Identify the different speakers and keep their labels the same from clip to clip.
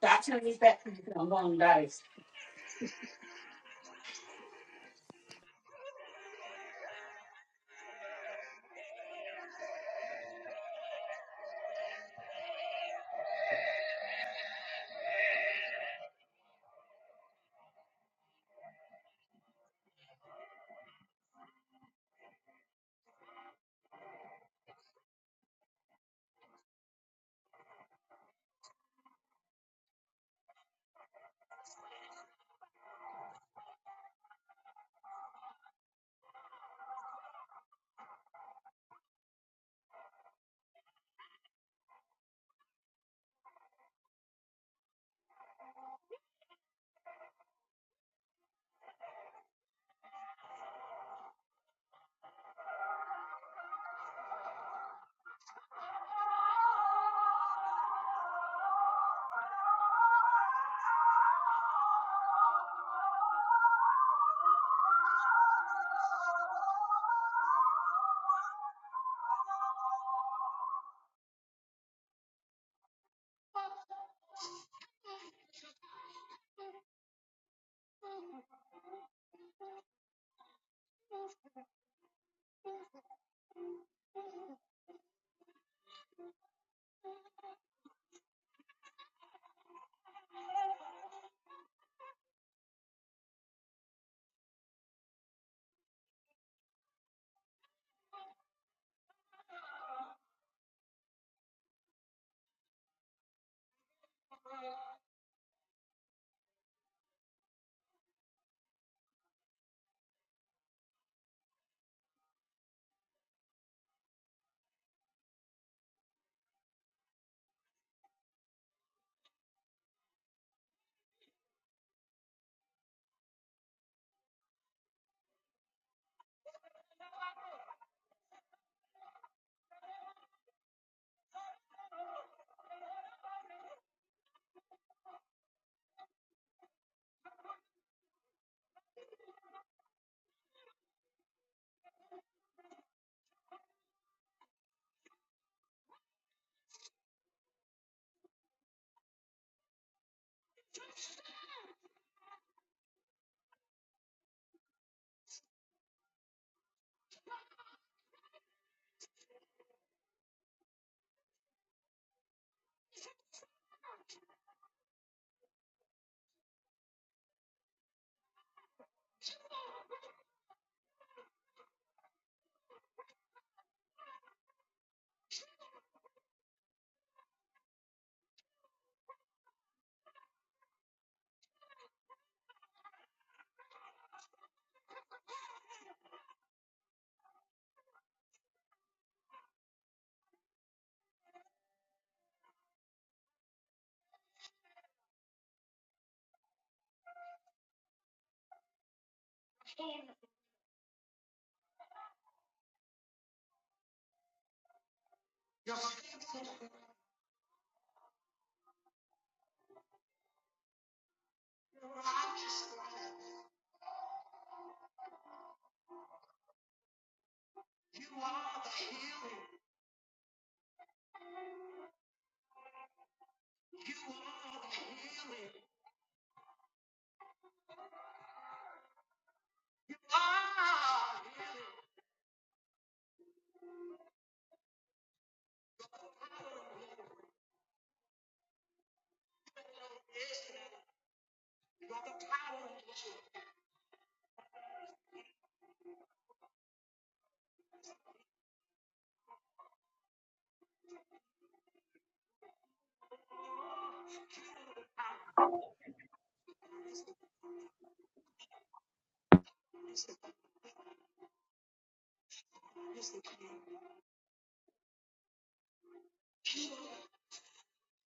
Speaker 1: That's when you bet for the long days.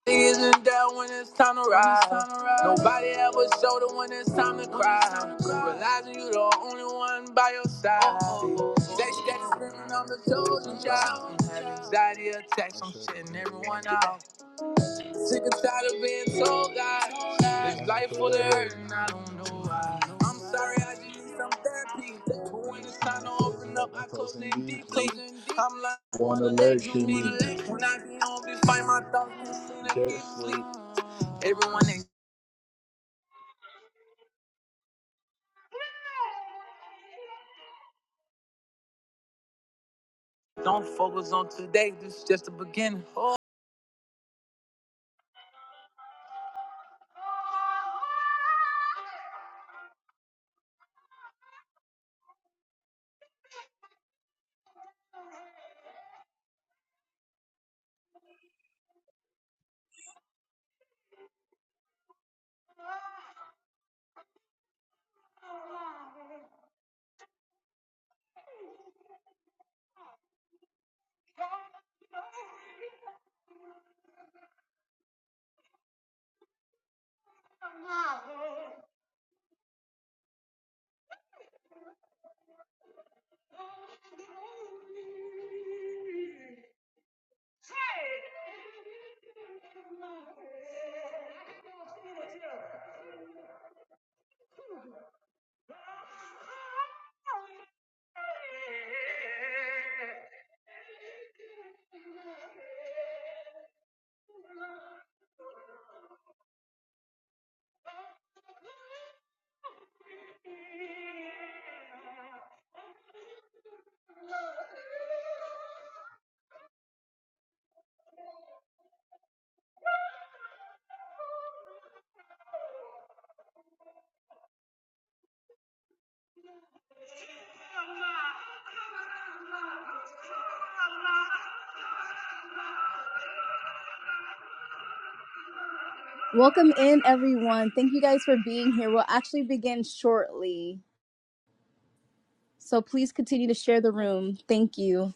Speaker 2: Niggas is down when it's time to ride. Nobody ever showed it when it's time to cry. Realizing you the only one by your side. Sex got you screaming, I'm the chosen child. Have anxiety attacks, I'm shitting everyone out. Sick and tired of being told God. This life full of hurt and I don't know why. I'm sorry, I just need some therapy. But when it's time to open up, I close it deeply. I'm like, wanna let you be late. When I get home, just find my thoughts concealing sleep. Everyone they don't focus on today, this is just the beginning. Oh.
Speaker 3: Welcome in, everyone. Thank you guys for being here. We'll actually begin shortly. So please continue to share the room. Thank you.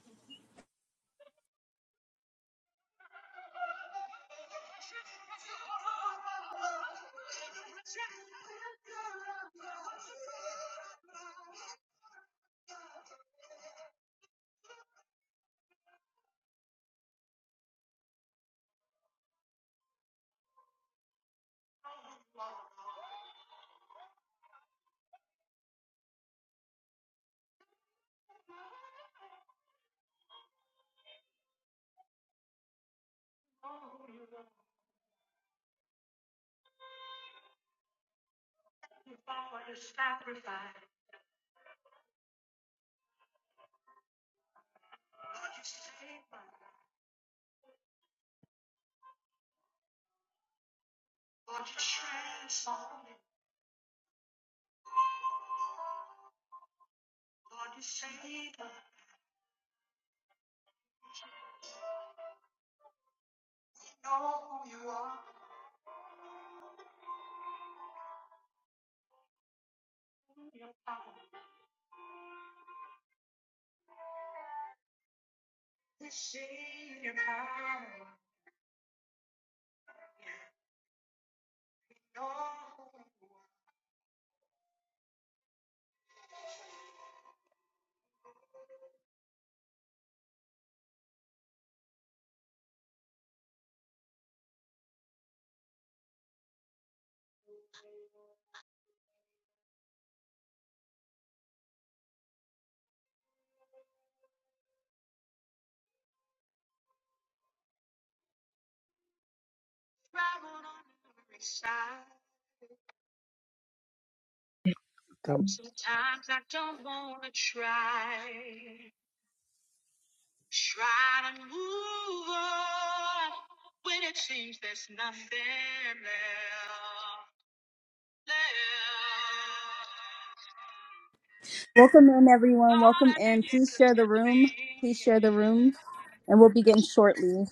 Speaker 4: Come-
Speaker 3: Welcome in, everyone. Welcome in. Please share the room. Please share the room. And we'll begin shortly.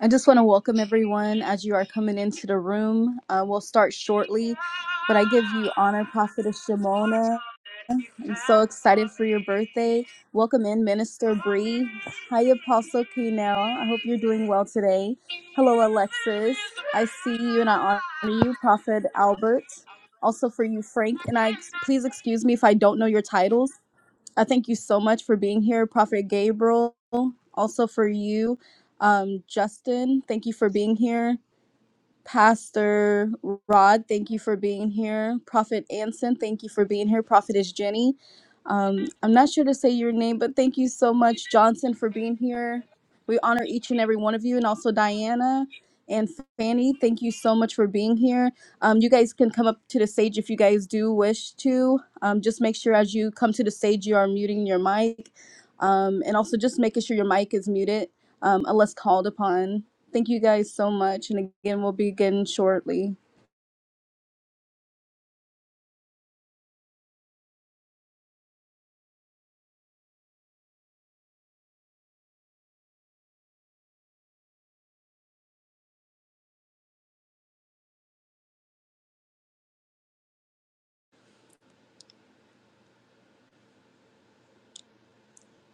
Speaker 3: I just want to welcome everyone as you are coming into the room. Uh, we'll start shortly, but I give you honor, Prophetess Shimona. I'm so excited for your birthday. Welcome in, Minister Bree. Hi, Apostle K. Now. I hope you're doing well today. Hello, Alexis. I see you and I honor you, Prophet Albert. Also for you, Frank. And I please excuse me if I don't know your titles. I thank you so much for being here, Prophet Gabriel. Also for you, um, Justin. Thank you for being here. Pastor Rod, thank you for being here. Prophet Anson, thank you for being here. Prophetess Jenny, um, I'm not sure to say your name, but thank you so much, Johnson, for being here. We honor each and every one of you, and also Diana and Fanny. Thank you so much for being here. Um, you guys can come up to the stage if you guys do wish to. Um, just make sure as you come to the stage, you are muting your mic um, and also just making sure your mic is muted um, unless called upon. Thank you guys so much, and again, we'll begin shortly.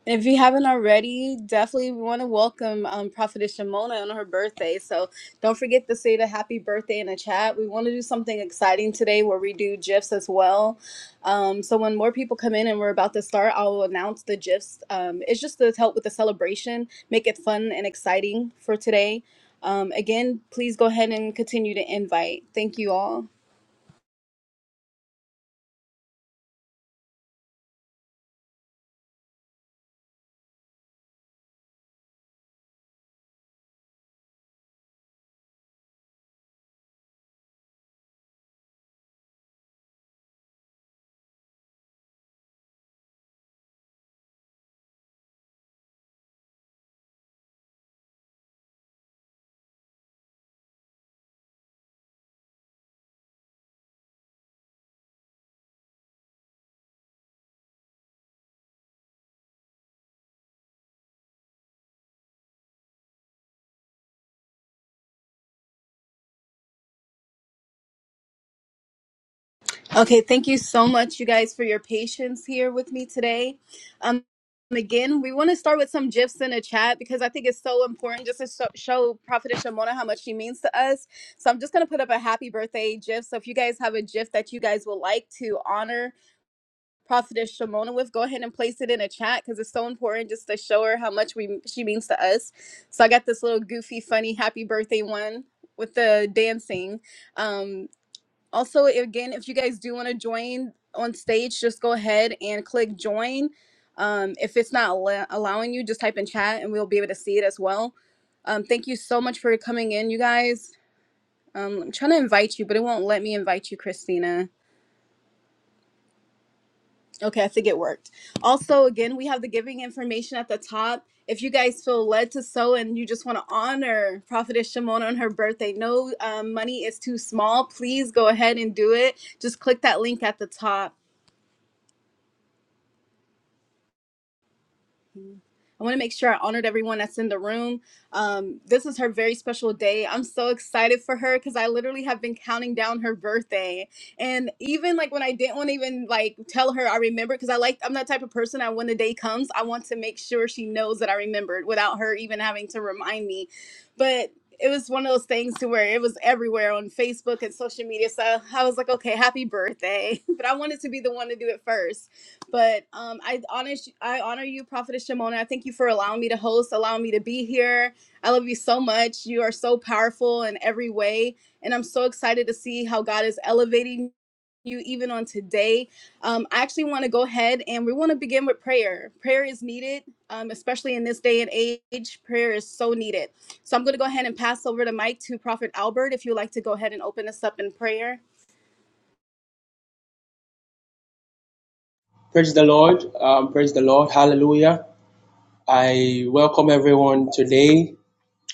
Speaker 3: If you haven't already, definitely we want to welcome um, Prophetess Shimona on her birthday. So don't forget to say the happy birthday in the chat. We want to do something exciting today where we do GIFs as well. Um, so when more people come in and we're about to start, I'll announce the GIFs. Um, it's just to help with the celebration, make it fun and exciting for today. Um, again, please go ahead and continue to invite. Thank you all. Okay, thank you so much, you guys, for your patience here with me today. Um, again, we want to start with some gifs in the chat because I think it's so important just to show, show Prophetess Shimona how much she means to us. So I'm just going to put up a happy birthday gif. So if you guys have a gif that you guys would like to honor Prophetess Shimona with, go ahead and place it in a chat because it's so important just to show her how much we she means to us. So I got this little goofy, funny happy birthday one with the dancing. Um also again if you guys do want to join on stage just go ahead and click join um, if it's not allo- allowing you just type in chat and we'll be able to see it as well um, thank you so much for coming in you guys um, i'm trying to invite you but it won't let me invite you christina okay i think it worked also again we have the giving information at the top if you guys feel led to sew and you just want to honor prophetess shimona on her birthday no um, money is too small please go ahead and do it just click that link at the top I want to make sure I honored everyone that's in the room. Um, this is her very special day. I'm so excited for her because I literally have been counting down her birthday. And even like when I didn't want to even like tell her I remembered because I like I'm that type of person. I when the day comes, I want to make sure she knows that I remembered without her even having to remind me. But it was one of those things to where it was everywhere on Facebook and social media. So I was like, okay, happy birthday. But I wanted to be the one to do it first. But um, I honor I honor you, Prophetess Shimona. I thank you for allowing me to host, allowing me to be here. I love you so much. You are so powerful in every way, and I'm so excited to see how God is elevating you even on today. Um, I actually want to go ahead and we want to begin with prayer. Prayer is needed, um, especially in this day and age. Prayer is so needed. So I'm going to go ahead and pass over the mic to Prophet Albert. If you'd like to go ahead and open us up in prayer.
Speaker 5: Praise the Lord. Um, praise the Lord. Hallelujah. I welcome everyone today.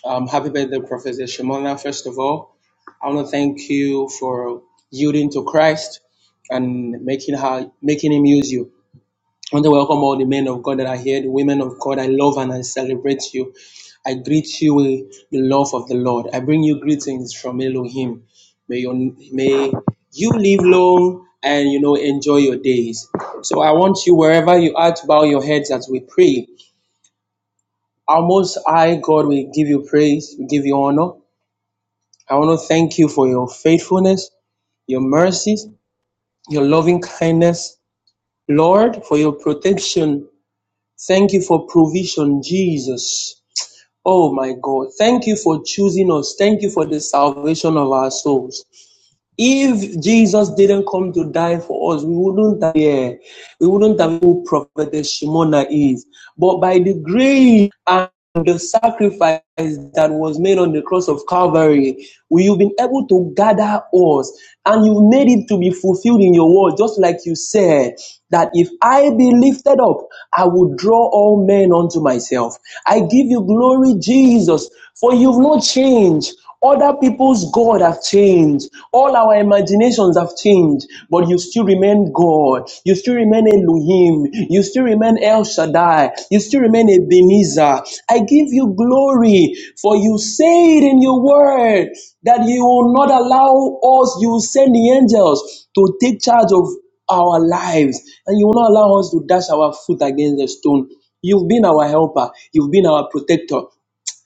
Speaker 5: Um, happy birthday, Professor Shimona, first of all. I want to thank you for yielding to Christ and making, her, making him use you. I want to welcome all the men of God that are here, the women of God. I love and I celebrate you. I greet you with the love of the Lord. I bring you greetings from Elohim. May you, may you live long and you know enjoy your days. So I want you wherever you are to bow your heads as we pray. Our most high God, we give you praise, we give you honor. I want to thank you for your faithfulness your mercies, your loving kindness, Lord, for your protection Thank you for provision, Jesus. Oh my God. Thank you for choosing us. Thank you for the salvation of our souls. If Jesus didn't come to die for us, we wouldn't have yeah, we wouldn't have who prophetess Shimona is. But by the grace and the sacrifice that was made on the cross of Calvary, you've been able to gather us and you made it to be fulfilled in your word, just like you said that if I be lifted up, I will draw all men unto myself. I give you glory, Jesus, for you've not changed. Other people's God have changed. All our imaginations have changed, but you still remain God. You still remain Elohim. You still remain El Shaddai. You still remain Ebenezer. I give you glory, for you say it in your word that you will not allow us, you will send the angels to take charge of our lives, and you will not allow us to dash our foot against the stone. You've been our helper. You've been our protector.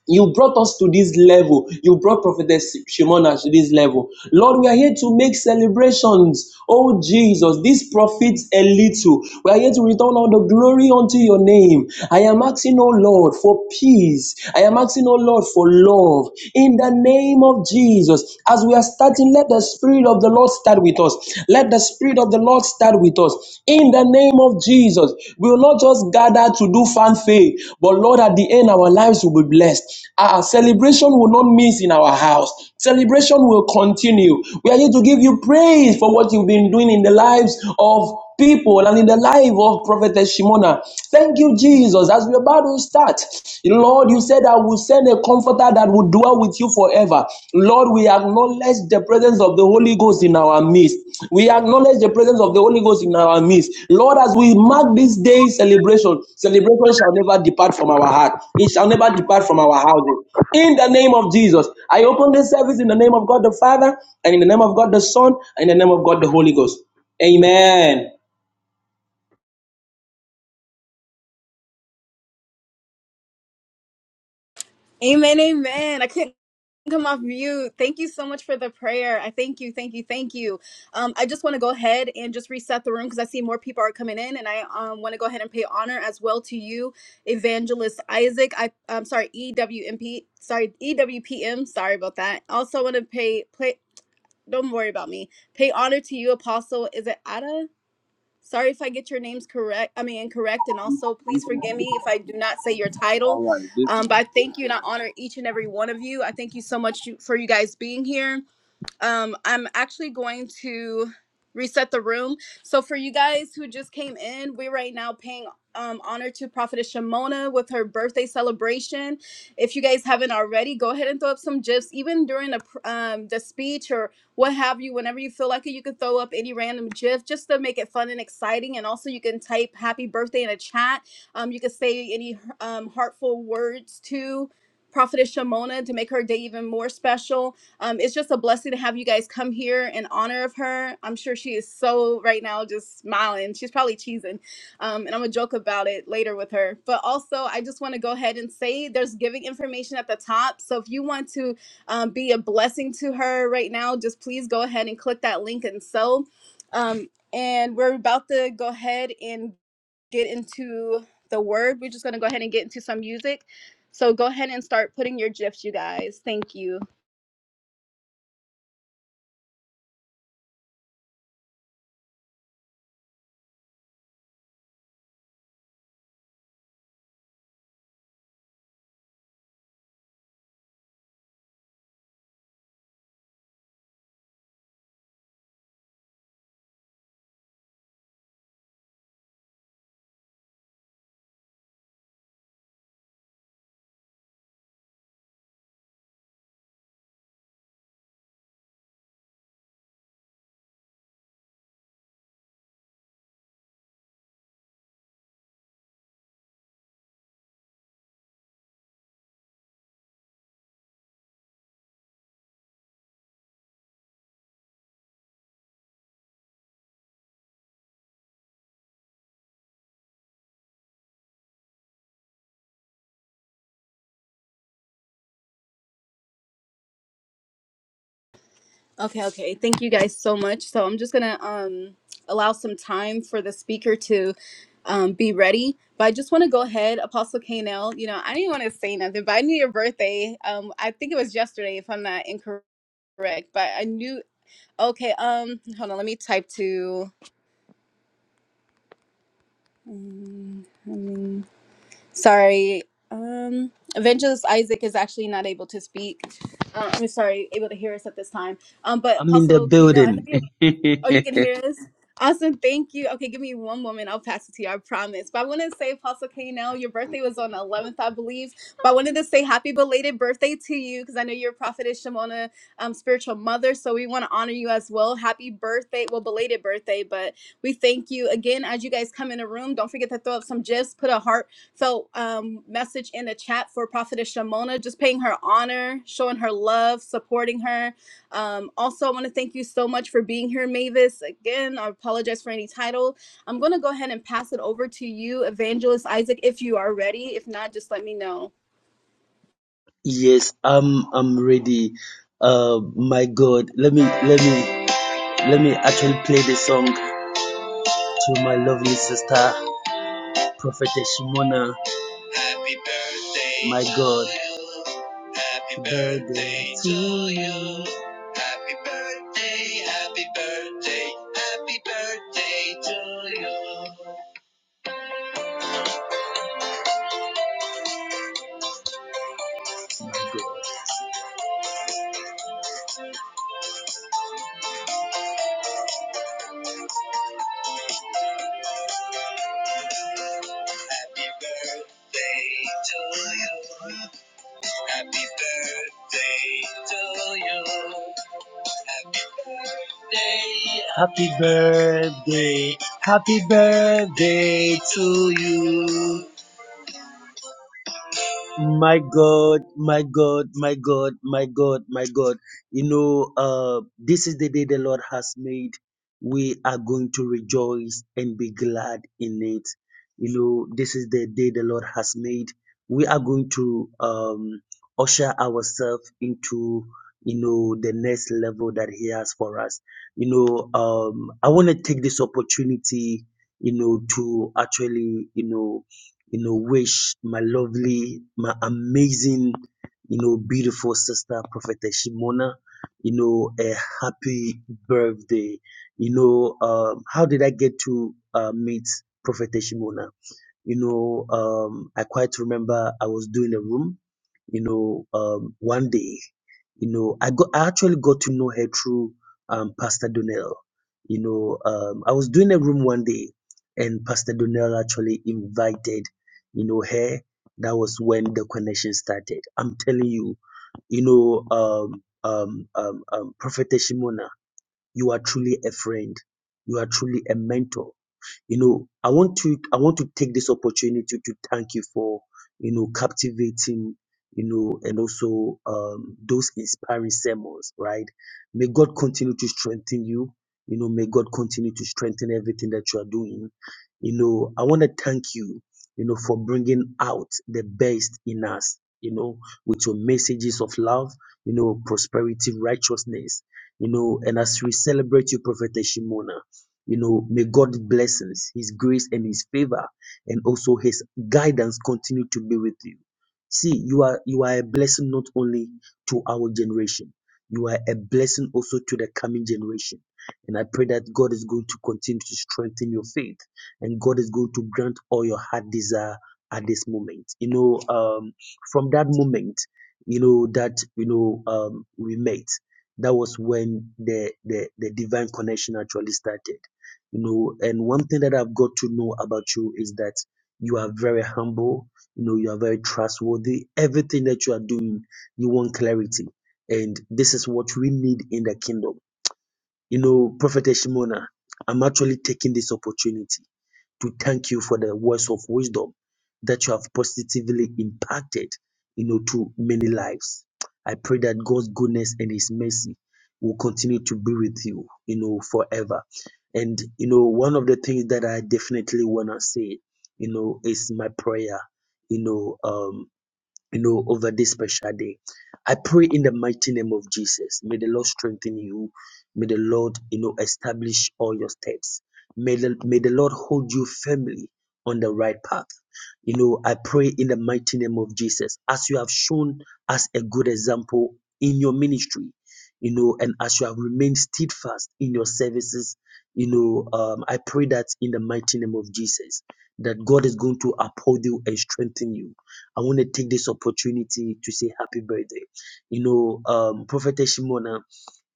Speaker 5: You brought us to this level. You brought Prophetess Shimona to this level. Lord, we are here to make celebrations. Oh Jesus, this profits a little. We are here to return all the glory unto your name. I am asking, oh Lord, for peace. I am asking, oh Lord, for love. In the name of Jesus, as we are starting, let the Spirit of the Lord start with us. Let the Spirit of the of the Lord start with us. In the name of Jesus, we will not just gather to do fanfare, but Lord, at the end, our lives will be blessed. Our celebration will not miss in our house. Celebration will continue. We are here to give you praise for what you've been doing in the lives of people and in the life of prophetess Shimona. Thank you, Jesus. As we're about to start, Lord, you said I will send a comforter that will dwell with you forever. Lord, we acknowledge the presence of the Holy Ghost in our midst. We acknowledge the presence of the Holy Ghost in our midst. Lord, as we mark this days, celebration, celebration shall never depart from our heart. It shall never depart from our houses. In the name of Jesus, I open this service in the name of God the Father, and in the name of God the Son, and in the name of God the Holy Ghost. Amen.
Speaker 3: Amen, amen. I couldn't come off mute. Thank you so much for the prayer. I thank you, thank you, thank you. Um, I just want to go ahead and just reset the room because I see more people are coming in, and I um, want to go ahead and pay honor as well to you, Evangelist Isaac. I, I'm sorry, EWMP. Sorry, EWPM. Sorry about that. Also, want to pay play. Don't worry about me. Pay honor to you, Apostle. Is it Ada? Sorry if I get your names correct, I mean incorrect, and also please forgive me if I do not say your
Speaker 6: All
Speaker 3: title.
Speaker 6: right. This
Speaker 3: Um, but I thank you and I honor each and every one of you. I thank you so much you- for you guys being here um i'm actually going to reset the room so for you guys who just came in we're right now paying um, honor to prophetess shimona with her birthday celebration if you guys haven't already go ahead and throw up some gifs even during the pr- um, the speech or what have you whenever you feel like it you can throw up any random gif just to make it fun and exciting and also you can type happy birthday in a chat um, you can say any um, heartful words to prophetess shimona to make her day even more special um, it's just a blessing to have you guys come here in honor of her. I'm sure she is so right now just smiling. She's probably cheesing. Um, and I'm going to joke about it later with her. But also, I just want to go ahead and say there's giving information at the top. So if you want to um, be a blessing to her right now, just please go ahead and click that link and so. Um, and we're about to go ahead and get into the word. We're just going to go ahead and get into some music. So go ahead and start putting your gifts, you guys. Thank you. Okay, okay. Thank you guys so much. So I'm just gonna um allow some time for the speaker to um be ready. But I just want to go ahead, Apostle Kanell. You know, I didn't want to say nothing, but I knew your birthday. Um, I think it was yesterday, if I'm not incorrect. But I knew. Okay. Um, hold on. Let me type to. Um, I sorry. Um, Evangelist Isaac is actually not able to speak. Uh, I'm sorry, able to hear us at this time. Um, but
Speaker 7: I'm in the
Speaker 3: Apostle Kanell, I know
Speaker 7: building.
Speaker 3: you're. Oh, you can hear us? Awesome. Thank you. Okay, give me one moment. I'll pass it to you. I promise. But I want to say, Apostle Kanell, your birthday was on the 11th, I believe. But I wanted to say happy belated birthday to you because I know you're a prophetess Shimona, um, spiritual mother. So we want to honor you as well. Happy birthday. Well, belated birthday. But we thank you again as you guys come in the room. Don't forget to throw up some gifs, put a heartfelt um, message in the chat for prophetess Shimona, just paying her honor, showing her love, supporting her um, also, I want to thank you so much for being here, Mavis. Again, I apologize for any title. I'm going to go ahead and pass it over to you, Evangelist Isaac, if you are ready. If not, just let me know.
Speaker 7: yes, I'm I'm ready. Uh my God. Let me let me let me actually play the song to my lovely sister, Prophetess Shimona. Happy birthday. My God. Happy birthday to you. Happy birthday, happy birthday, happy birthday to you. My God. Happy birthday to you. Happy birthday to you. Happy birthday. Happy birthday. Happy birthday to you. My God, my God, my God, my God, my God. You know, uh, this is the day the Lord has made. We are going to rejoice and be glad in it. You know, this is the day the Lord has made. We are going to um, usher ourselves into, you know, the next level that He has for us. You know, um, I want to take this opportunity, you know, to actually, you know, you know, wish my lovely, my amazing, you know, beautiful sister, Prophetess Shimona, you know, a happy birthday. You know, um, how did I get to uh, meet Prophetess Shimona? You know, um, I quite remember I was doing a room, you know, um, one day, you know, I got, I actually got to know her through, um, Pastor Donnell. You know, um, I was doing a room one day and Pastor Donnell actually invited, you know, her. That was when the connection started. I'm telling you, you know, um, um, um, um, Prophet Shimona, you are truly a friend. You are truly a mentor you know, I want to I want to take this opportunity to thank you for you know captivating you know and also um, those inspiring sermons. Right? May God continue to strengthen you. You know, may God continue to strengthen everything that you are doing. You know, I want to thank you. You know, for bringing out the best in us. You know, with your messages of love. You know, prosperity, righteousness. You know, and as we celebrate you, Prophetess Shimona you know, may God's blessings, His grace, and His favor, and also His guidance continue to be with you. See, you are you are a blessing not only to our generation, you are a blessing also to the coming generation. And I pray that God is going to continue to strengthen your faith, and God is going to grant all your heart desire at this moment. You know, um, from that moment, you know that you know um, we met. That was when the, the the divine connection actually started you know and one thing that i've got to know about you is that you are very humble you know you are very trustworthy everything that you are doing you want clarity and this is what we need in the kingdom you know prophet shimona i'm actually taking this opportunity to thank you for the words of wisdom that you have positively impacted, you know, to many lives. I pray that God's goodness and His mercy will continue to be with you, you know, forever. And you know, one of the things that I definitely wanna say, you know, is my prayer. You know, um, you know, over this special day. I pray in the mighty name of Jesus. May the Lord strengthen you. May the Lord, you know, establish all your steps. May the, may the Lord hold you firmly on the right path. You know, I pray in the mighty name of Jesus, as you have shown us a good example in your ministry, you know, and as you have remained steadfast in your services, you know, um, I pray that in the mighty name of Jesus, that God is going to uphold you and strengthen you. I want to take this opportunity to say happy birthday. You know, um, Prophetess Shimona,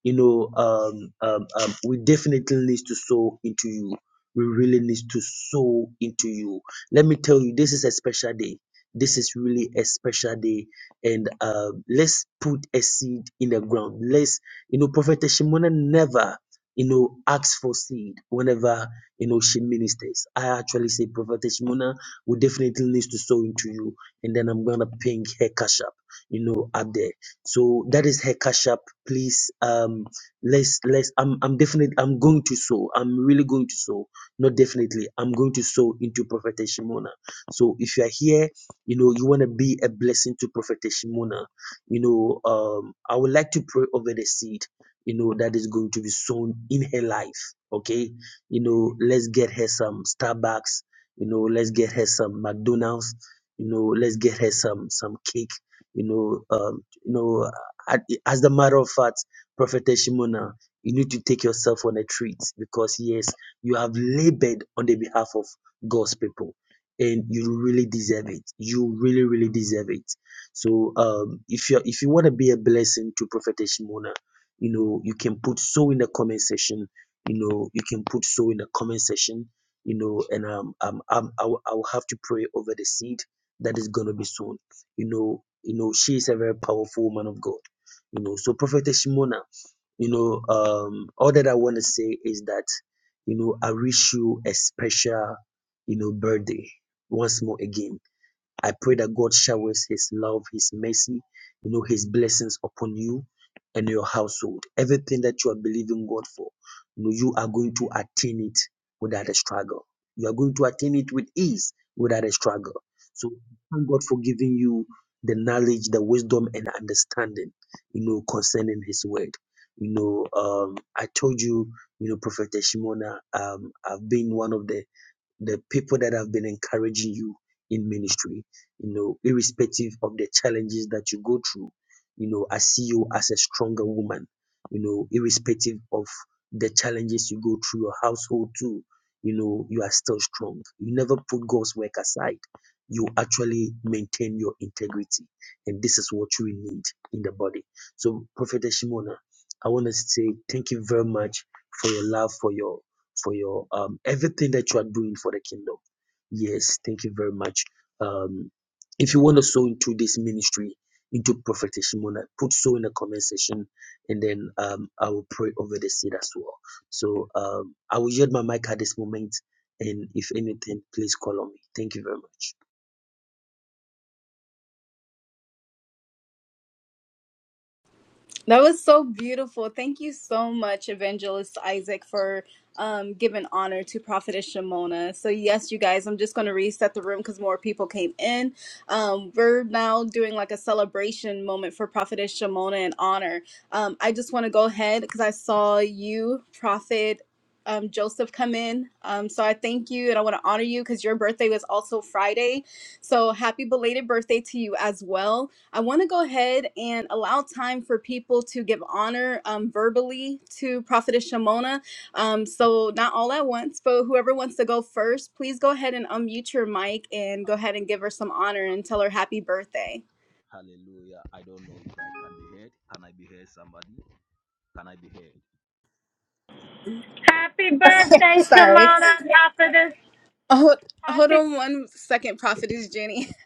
Speaker 7: you know um, um, um, we definitely need to sow into you we really need to sow into you let me tell you this is a special day this is really a special day and um, let's put a seed in the ground let's you know prophet shimona never you know asks for seed whenever you know she ministers i actually say prophet shimona we definitely need to sow into you and then i'm gonna ping her cash up you know up there so that is her cash app please um let's let's i'm i'm definitely i'm going to sow i'm really going to sow not definitely i'm going to sow into prophetess shimona so if you are here you know you want to be a blessing to prophetess shimona you know um i would like to pray over the seed you know that is going to be sown in her life okay you know let's get her some starbucks you know let's get her some mcdonald's you know let's get her some some cake you know um you know I- As a matter of fact, Prophetess Shimona, you need to take yourself on a treat because, yes, you have labored on the behalf of God's people and you really deserve it. You really, really deserve it. So, um, if you if you want to be a blessing to Prophetess Shimona, you know, you can put so in the comment section. You know, you can put so in the comment section. You know, and um, um, um I, will, I will have to pray over the seed that is gonna be sown. You know, you know, she is a very powerful woman of God you know, so Prophetess Shimona, you know, um, all that I want to say is that, you know, I wish you a special, you know, birthday once more again. I pray that God showers His love, His mercy, you know, His blessings upon you and your household. Everything that you are believing God for, you know, you are going to attain it without a struggle. You are going to attain it with ease without a struggle. So thank God for giving you the knowledge, the wisdom, and understanding, you know, concerning His word. You know, um, I told you, you know, Prophet Shimona, um, I've been one of the the people that have been encouraging you in ministry, you know, irrespective of the challenges that you go through, you know, I see you as a stronger woman, you know, irrespective of the challenges you go through your household too, you know, you are still strong. You never put God's work aside. You actually maintain your integrity. And this is what you need in the body. So, Prophetess Shimona, I want to say thank you very much for your love, for your for your um, everything that you are doing for the kingdom. Yes, thank you very much. Um, if you want to sow into this ministry, into Prophet Shimona, put so in the comment section, and then um, I will pray over the seed as well. So um, I will yield my mic at this moment, and if anything, please call on me. Thank you very much.
Speaker 3: That was so beautiful. Thank you so much, Evangelist Isaac, for um, giving honor to Prophetess Shimona. So, yes, you guys, I'm just going to reset the room because more people came in. Um, we're now doing like a celebration moment for Prophetess Shimona in honor. Um, I just want to go ahead because I saw you, Prophet. Um, Joseph come in. Um, so I thank you and I want to honor you because your birthday was also Friday. So happy belated birthday to you as well. I want to go ahead and allow time for people to give honor um, verbally to Prophetess Shimona. Um, so, not all at once, but whoever wants to go first, please go ahead and unmute your mic and go ahead and give her some honor and tell her happy birthday.
Speaker 6: Hallelujah. I don't know if I can be heard. Can I be heard, somebody? Can I be heard?
Speaker 8: Happy birthday,
Speaker 3: Sorry.
Speaker 8: Shimona, Prophetess.
Speaker 3: Oh, hold
Speaker 8: Happy
Speaker 3: on one second, Prophetess Jenny.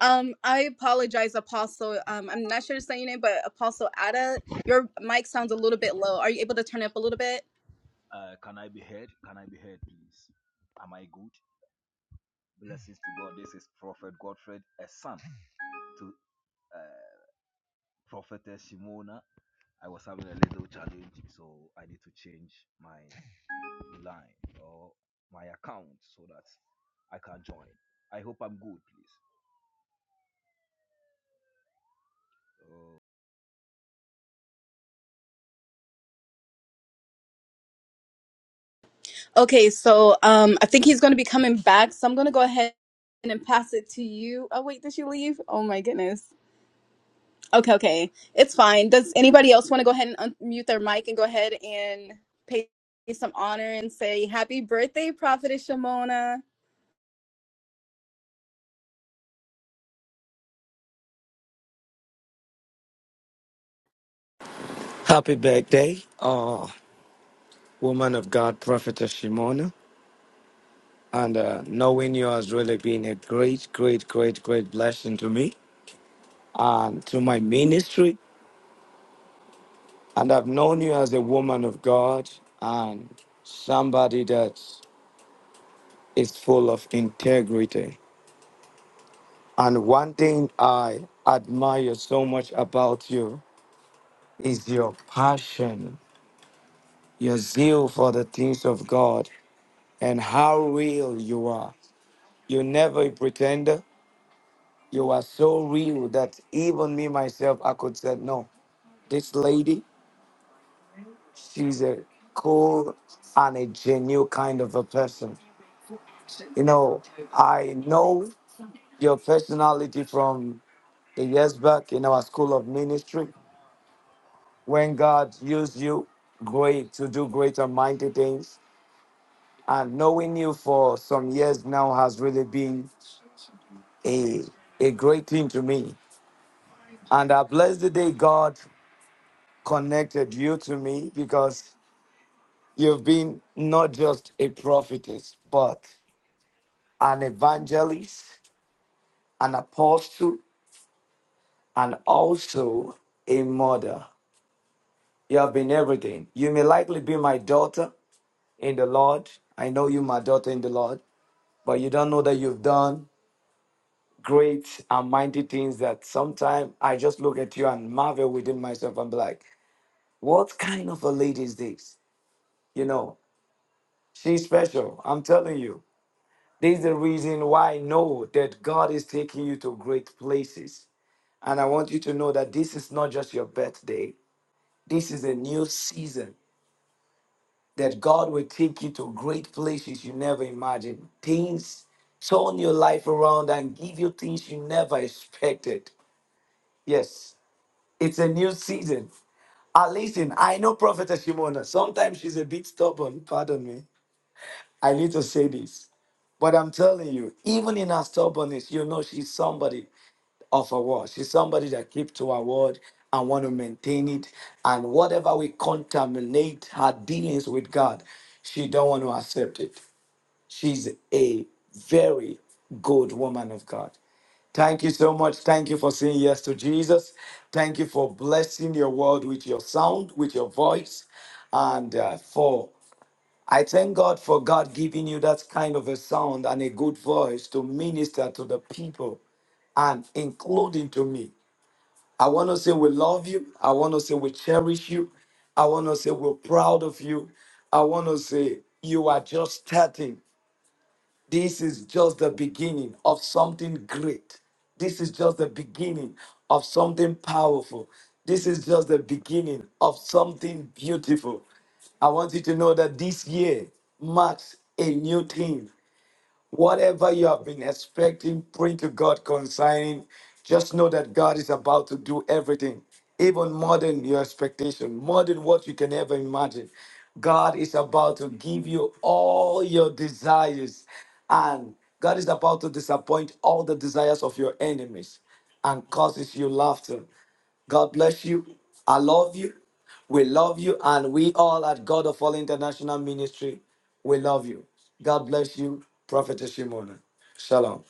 Speaker 3: Um, I apologize, Apostle. Um, I'm not sure to say your name, but Apostle Ada, your mic sounds a little bit low. Are you able to turn it up a little bit?
Speaker 6: Uh, can I be heard? Can I be heard, please? Am I good? Blessings to God. This is Prophet Godfred, a son to uh, Prophetess Shimona. I was having a little challenge, so I need to change my line or my account so that I can join. I hope I'm good, please.
Speaker 3: Okay, so um, I think he's going to be coming back. So I'm going to go ahead and pass it to you. Oh, wait, did she leave? Oh, my goodness. Okay, okay. It's fine. Does anybody else want to go ahead and unmute their mic and go ahead and pay some honor and say happy birthday, Prophetess Shimona?
Speaker 9: Happy birthday, uh, woman of God, Prophetess Shimona. And uh, knowing you has really been a great, great, great, great blessing to me and to my ministry. And I've known you as a woman of God and somebody that is full of integrity. And one thing I admire so much about you is your passion, your zeal for the things of God, and how real you are. You're never a pretender. You are so real that even me myself, I could say, no, this lady, she's a cool and a genuine kind of a person. You know, I know your personality from the years back in our school of ministry when God used you great to do great and mighty things. And knowing you for some years now has really been a, a great thing to me. And I bless the day God connected you to me because You've been not just a prophetess, but an evangelist, an apostle, and also a mother. You have been everything. You may likely be my daughter in the Lord. I know you, my daughter in the Lord, but you don't know that you've done great and mighty things that sometimes I just look at you and marvel within myself and be like, what kind of a lady is this? You know, she's special. I'm telling you. This is the reason why I know that God is taking you to great places. And I want you to know that this is not just your birthday, this is a new season that God will take you to great places you never imagined. Things turn your life around and give you things you never expected. Yes, it's a new season. Ah, listen, I know Prophetess Shimona. Sometimes she's a bit stubborn. Pardon me. I need to say this. But I'm telling you, even in her stubbornness, you know she's somebody of a word. She's somebody that keeps to her word and want to maintain it. And whatever we contaminate her dealings with God, she don't want to accept it. She's a very good woman of God. Thank you so much. Thank you for saying yes to Jesus. Thank you for blessing your world with your sound, with your voice, and uh, for I thank God for God giving you that kind of a sound and a good voice to minister to the people and including to me. I want to say we love you. I want to say we cherish you. I want to say we're proud of you. I want to say you are just starting. This is just the beginning of something great. This is just the beginning of something powerful. This is just the beginning of something beautiful. I want you to know that this year marks a new thing Whatever you have been expecting, pray to God concerning. Just know that God is about to do everything, even more than your expectation, more than what you can ever imagine. God is about to give you all your desires, and God is about to disappoint all the desires of your enemies and causes you laughter. God bless you. I love you. We love you. And we all at God of All International Ministry, we love you. God bless you, Prophetess Shimona. Shalom.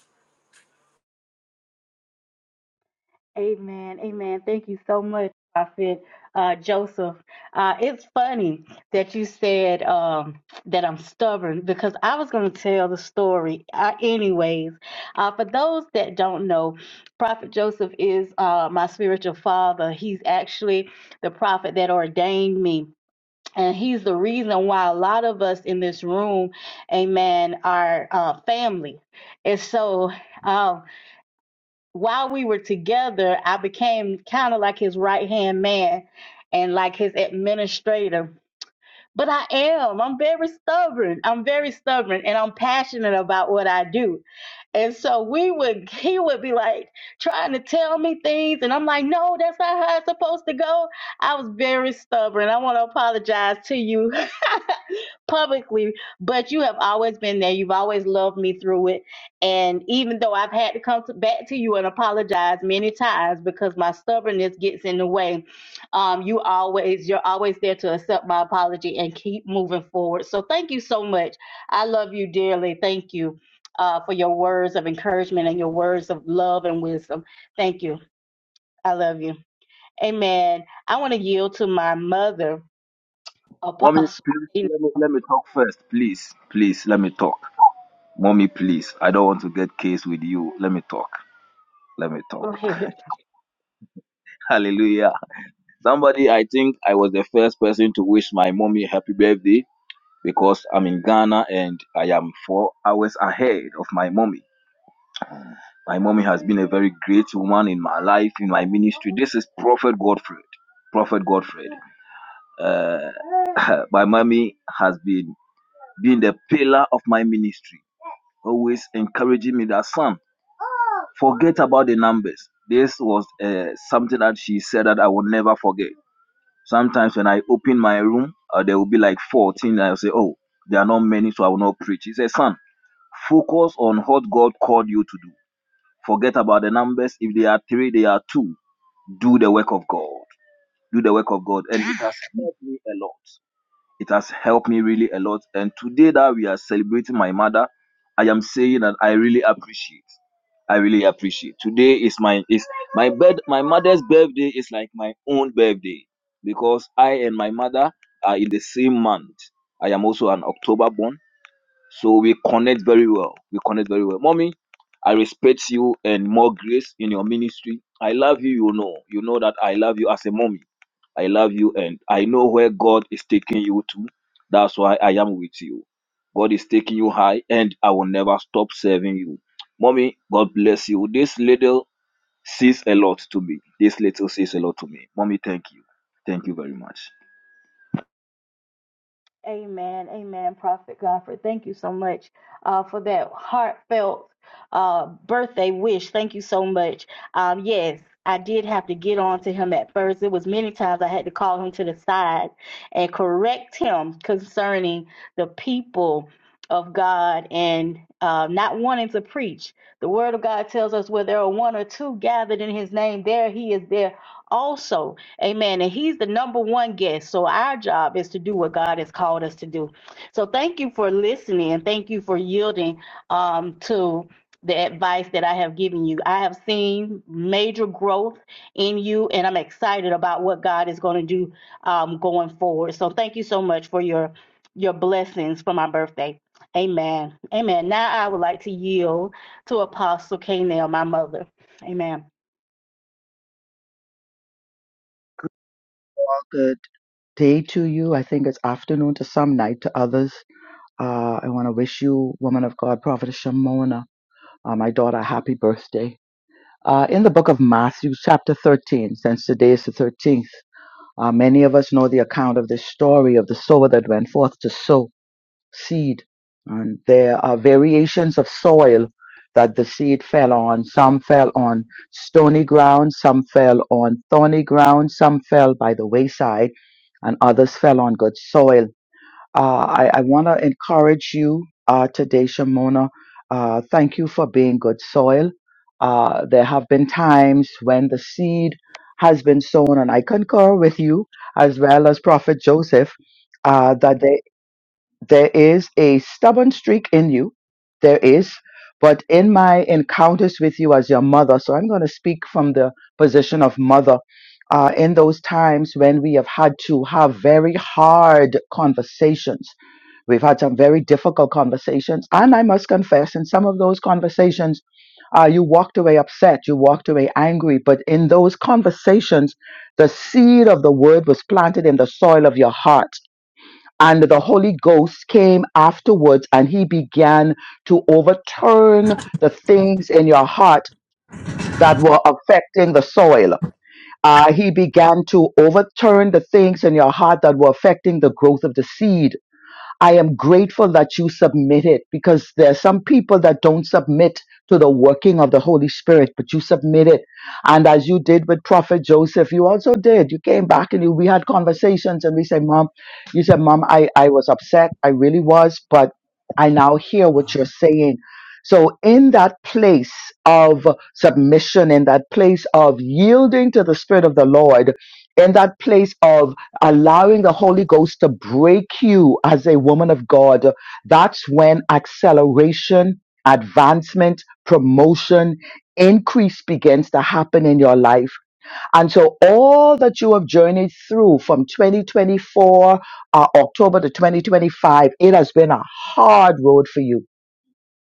Speaker 10: Amen. Amen. Thank you so much, Prophet uh, Joseph. Uh, it's funny that you said um, that I'm stubborn because I was going to tell the story uh, anyways. Uh, for those that don't know, Prophet Joseph is uh, my spiritual father. He's actually the prophet that ordained me. And he's the reason why a lot of us in this room, amen, are uh, family. And so, um, while we were together, I became kind of like his right hand man and like his administrator but I am. I'm very stubborn. I'm very stubborn and I'm passionate about what I do. And so we would, he would be like trying to tell me things. And I'm like, no, that's not how it's supposed to go. I was very stubborn. I want to apologize to you publicly, but you have always been there. You've always loved me through it. And even though I've had to come to, back to you and apologize many times because my stubbornness gets in the way, um, you always you're always there to accept my apology and keep moving forward so thank you so much i love you dearly thank you uh, for your words of encouragement and your words of love and wisdom thank you i love you amen i want to yield to my mother
Speaker 6: Mommy,
Speaker 10: apostle
Speaker 6: please let me, let me talk first, please. Please let me talk. Mommy, please, I don't want to get case with you. Let me talk. Let me
Speaker 10: go
Speaker 6: talk.
Speaker 10: ahead
Speaker 6: Hallelujah. Somebody, I think I was the first person to wish my mommy happy birthday because I'm in Ghana and I am four hours ahead of my mommy. My mommy has been a very great woman in my life, in my ministry. This is Prophet Godfred. Prophet Godfred. Uh, my mommy has been, been the pillar of my ministry, always encouraging me that son. Forget about the numbers. This was uh, something that she said that I will never forget. Sometimes when I open my room, uh, there will be like 14. I'll say, Oh, there are not many, so I will not preach. He said, Son, focus on what God called you to do. Forget about the numbers. If they are three, they are two. Do the work of God. Do the work of God. And it has helped me a lot. It has helped me really a lot. And today that we are celebrating my mother, I am saying that I really appreciate. I really appreciate. Today is my is my bed my mother's birthday is like my own birthday because I and my mother are in the same month. I am also an October born so we connect very well. We connect very well. Mommy, I respect you and more grace in your ministry. I love you, you know. You know that I love you as a mommy. I love you and I know where God is taking you to. That's why I am with you. God is taking you high and I will never stop serving you. Mommy, God bless you. This little says a lot to me. This little says a lot to me. Mommy, thank you. Thank you very much.
Speaker 10: Amen. Amen. Prophet Godfrey, thank you so much uh, for that heartfelt uh, birthday wish. Thank you so much. Um, yes, I did have to get on to him at first. It was many times I had to call him to the side and correct him concerning the people of God and uh, not wanting to preach. The word of God tells us where there are one or two gathered in his name, there he is there also. Amen. And he's the number one guest. So our job is to do what God has called us to do. So thank you for listening and thank you for yielding um, to the advice that I have given you. I have seen major growth in you, and I'm excited about what God is going to do um, going forward. So thank you so much for your your blessings for my birthday. Amen. Amen. Now I would like to yield to Apostle Canaan, my mother. Amen.
Speaker 11: Good day to you. I think it's afternoon to some, night to others. Uh, I want to wish you, woman of God, Prophetess Shimona, uh, my daughter, a happy birthday. Uh, in the book of Matthew, chapter 13, since today is the 13th, uh, many of us know the account of this story of the sower that went forth to sow seed. And there are variations of soil that the seed fell on. Some fell on stony ground, some fell on thorny ground, some fell by the wayside, and others fell on good soil. Uh, I, I want to encourage you uh, today, Shamona. Uh, thank you for being good soil. Uh, there have been times when the seed has been sown, and I concur with you as well as Prophet Joseph, uh, that there there is a stubborn streak in you. There is. But in my encounters with you as your mother, so I'm going to speak from the position of mother. Uh, in those times when we have had to have very hard conversations, we've had some very difficult conversations. And I must confess, in some of those conversations, uh, you walked away upset, you walked away angry. But in those conversations, the seed of the word was planted in the soil of your heart and the Holy Ghost came afterwards and he began to overturn the things in your heart that were affecting the soil. Uh, he began to overturn the things in your heart that were affecting the growth of the seed I am grateful that you submitted because there are some people that don't submit to the working of the Holy Spirit, but you submitted. And as you did with Prophet Joseph, you also did. You came back and you, we had conversations and we said, Mom, you said, Mom, I, I was upset. I really was, but I now hear what you're saying. So in that place of submission, in that place of yielding to the Spirit of the Lord, in that place of allowing the Holy Ghost to break you as a woman of God, that's when acceleration, advancement, promotion, increase begins to happen in your life. And so all that you have journeyed through from 2024, uh, October to 2025, it has been a hard road for you.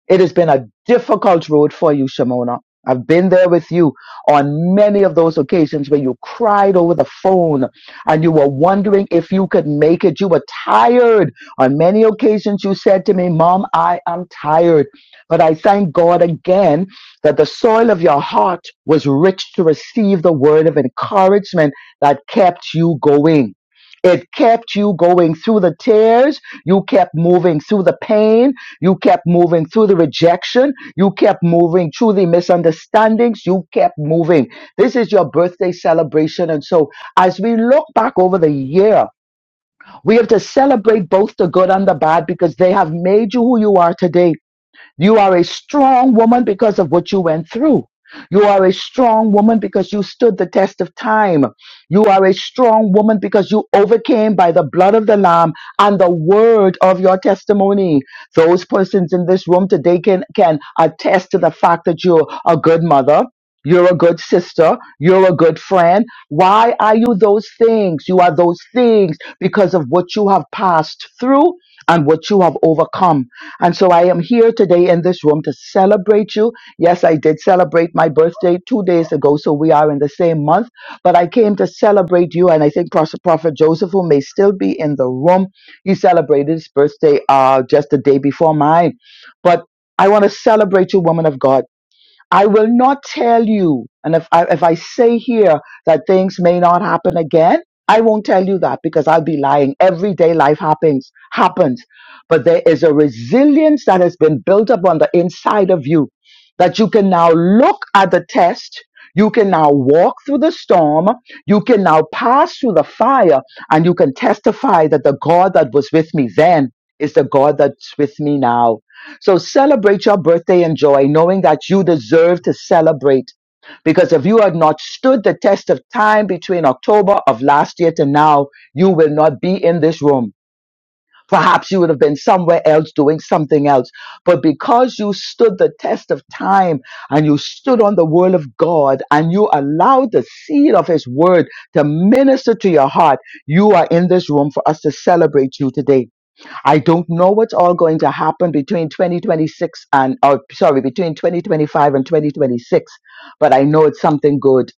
Speaker 11: It has been a difficult road for you, Shimona. I've been there with you on many of those occasions where you cried over the phone and you were wondering if you could make it. You were tired. On many occasions, you said to me, Mom, I am tired. But I thank God again that the soil of your heart was rich to receive the word of encouragement that kept you going. It kept you going through the tears. You kept moving through the pain you kept moving through the rejection. You kept moving through the misunderstandings. You kept moving. This is your birthday celebration. And so, as we look back over the year, we have to celebrate both the good and the bad because they have made you who you are today. You are a strong woman because of what you went through. You are a strong woman because you stood the test of time. You are a strong woman because you overcame by the blood of the Lamb and the word of your testimony. Those persons in this room today can, can attest to the fact that you're a good mother. You're a good sister. You're a good friend. Why are you those things? You are those things because of what you have passed through and what you have overcome. And so I am here today in this room to celebrate you. Yes, I did celebrate my birthday two days ago, so we are in the same month, but I came to celebrate you. And I think Pros- Prophet Joseph, who may still be in the room, he celebrated his birthday uh, just the day before mine. But I want to celebrate you, woman of God. I will not tell you. And if I, if I say here that things may not happen again, I won't tell you that because I'll be lying. Everyday life happens, happens. But there is a resilience that has been built up on the inside of you that you can now look at the test. You can now walk through the storm. You can now pass through the fire and you can testify that the God that was with me then is the God that's with me now so celebrate your birthday and joy, knowing that you deserve to celebrate. Because if you had not stood the test of time between October of last year to now, you will not be in this room. Perhaps you would have been somewhere else doing something else. But because you stood the test of time and you stood on the word of God and you allowed the seed of his word to minister to your heart, you are in this room for us to celebrate you today. I don't know what's all going to happen between 2026 and, or sorry, between 2025 and 2026, but I know it's something good.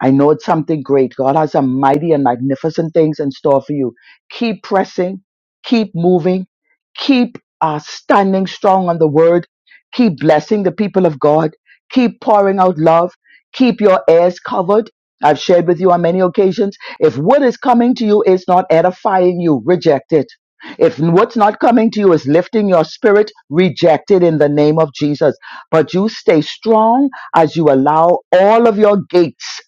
Speaker 11: I know it's something great. God has some mighty and magnificent things in store for you. Keep pressing, keep moving, keep uh, standing strong on the word, keep blessing the people of God, keep pouring out love, keep your ears covered. I've shared with you on many occasions. If what is coming to you is not edifying you, reject it if what's not coming to you is lifting your spirit, reject it in the name of Jesus. But you stay strong as you allow all of your gates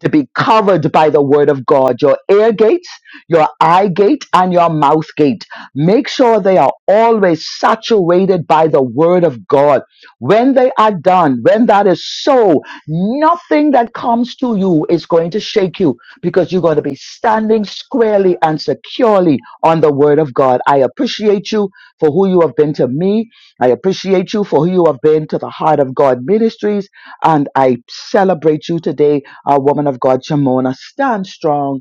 Speaker 11: to be covered by the word of God your ear gates, your eye gate, and your mouth gate. Make sure they are always saturated by the word of God. When they are done, when that is so, nothing that comes to you is going to shake you because you're going to be standing squarely and securely on the word of God. I appreciate you for who you have been to me. I appreciate you for who you have been to the Heart of God Ministries. And I celebrate you today, our woman of God, Shamona. Stand strong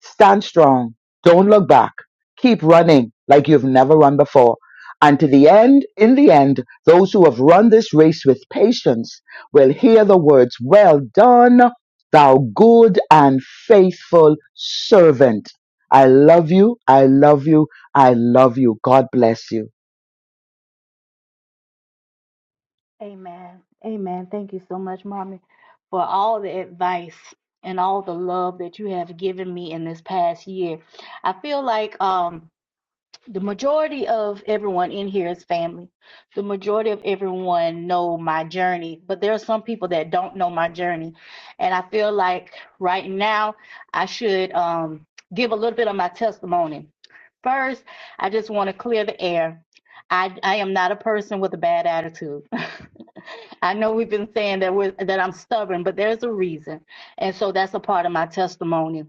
Speaker 11: Stand strong. Don't look back. Keep running like you've never run before. And to the end, in the end, those who have run this race with patience will hear the words, Well done, thou good and faithful servant. I love you. I love you. I love you. God bless you.
Speaker 10: Amen. Amen. Thank you so much, Mommy, for all the advice and all the love that you have given me in this past year. I feel like um the majority of everyone in here is family. The majority of everyone know my journey, but there are some people that don't know my journey. And I feel like right now I should um, give a little bit of my testimony. First, I just want to clear the air. I, I am not a person with a bad attitude. I know we've been saying that we're that I'm stubborn, but there's a reason, and so that's a part of my testimony.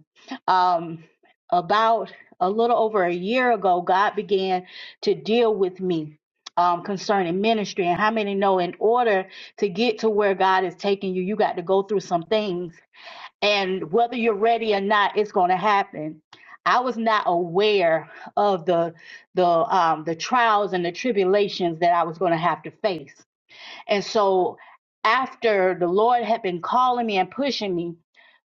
Speaker 10: Um, about a little over a year ago, God began to deal with me um, concerning ministry. And how many know in order to get to where God is taking you, you got to go through some things. And whether you're ready or not, it's going to happen. I was not aware of the the um, the trials and the tribulations that I was going to have to face. And so, after the Lord had been calling me and pushing me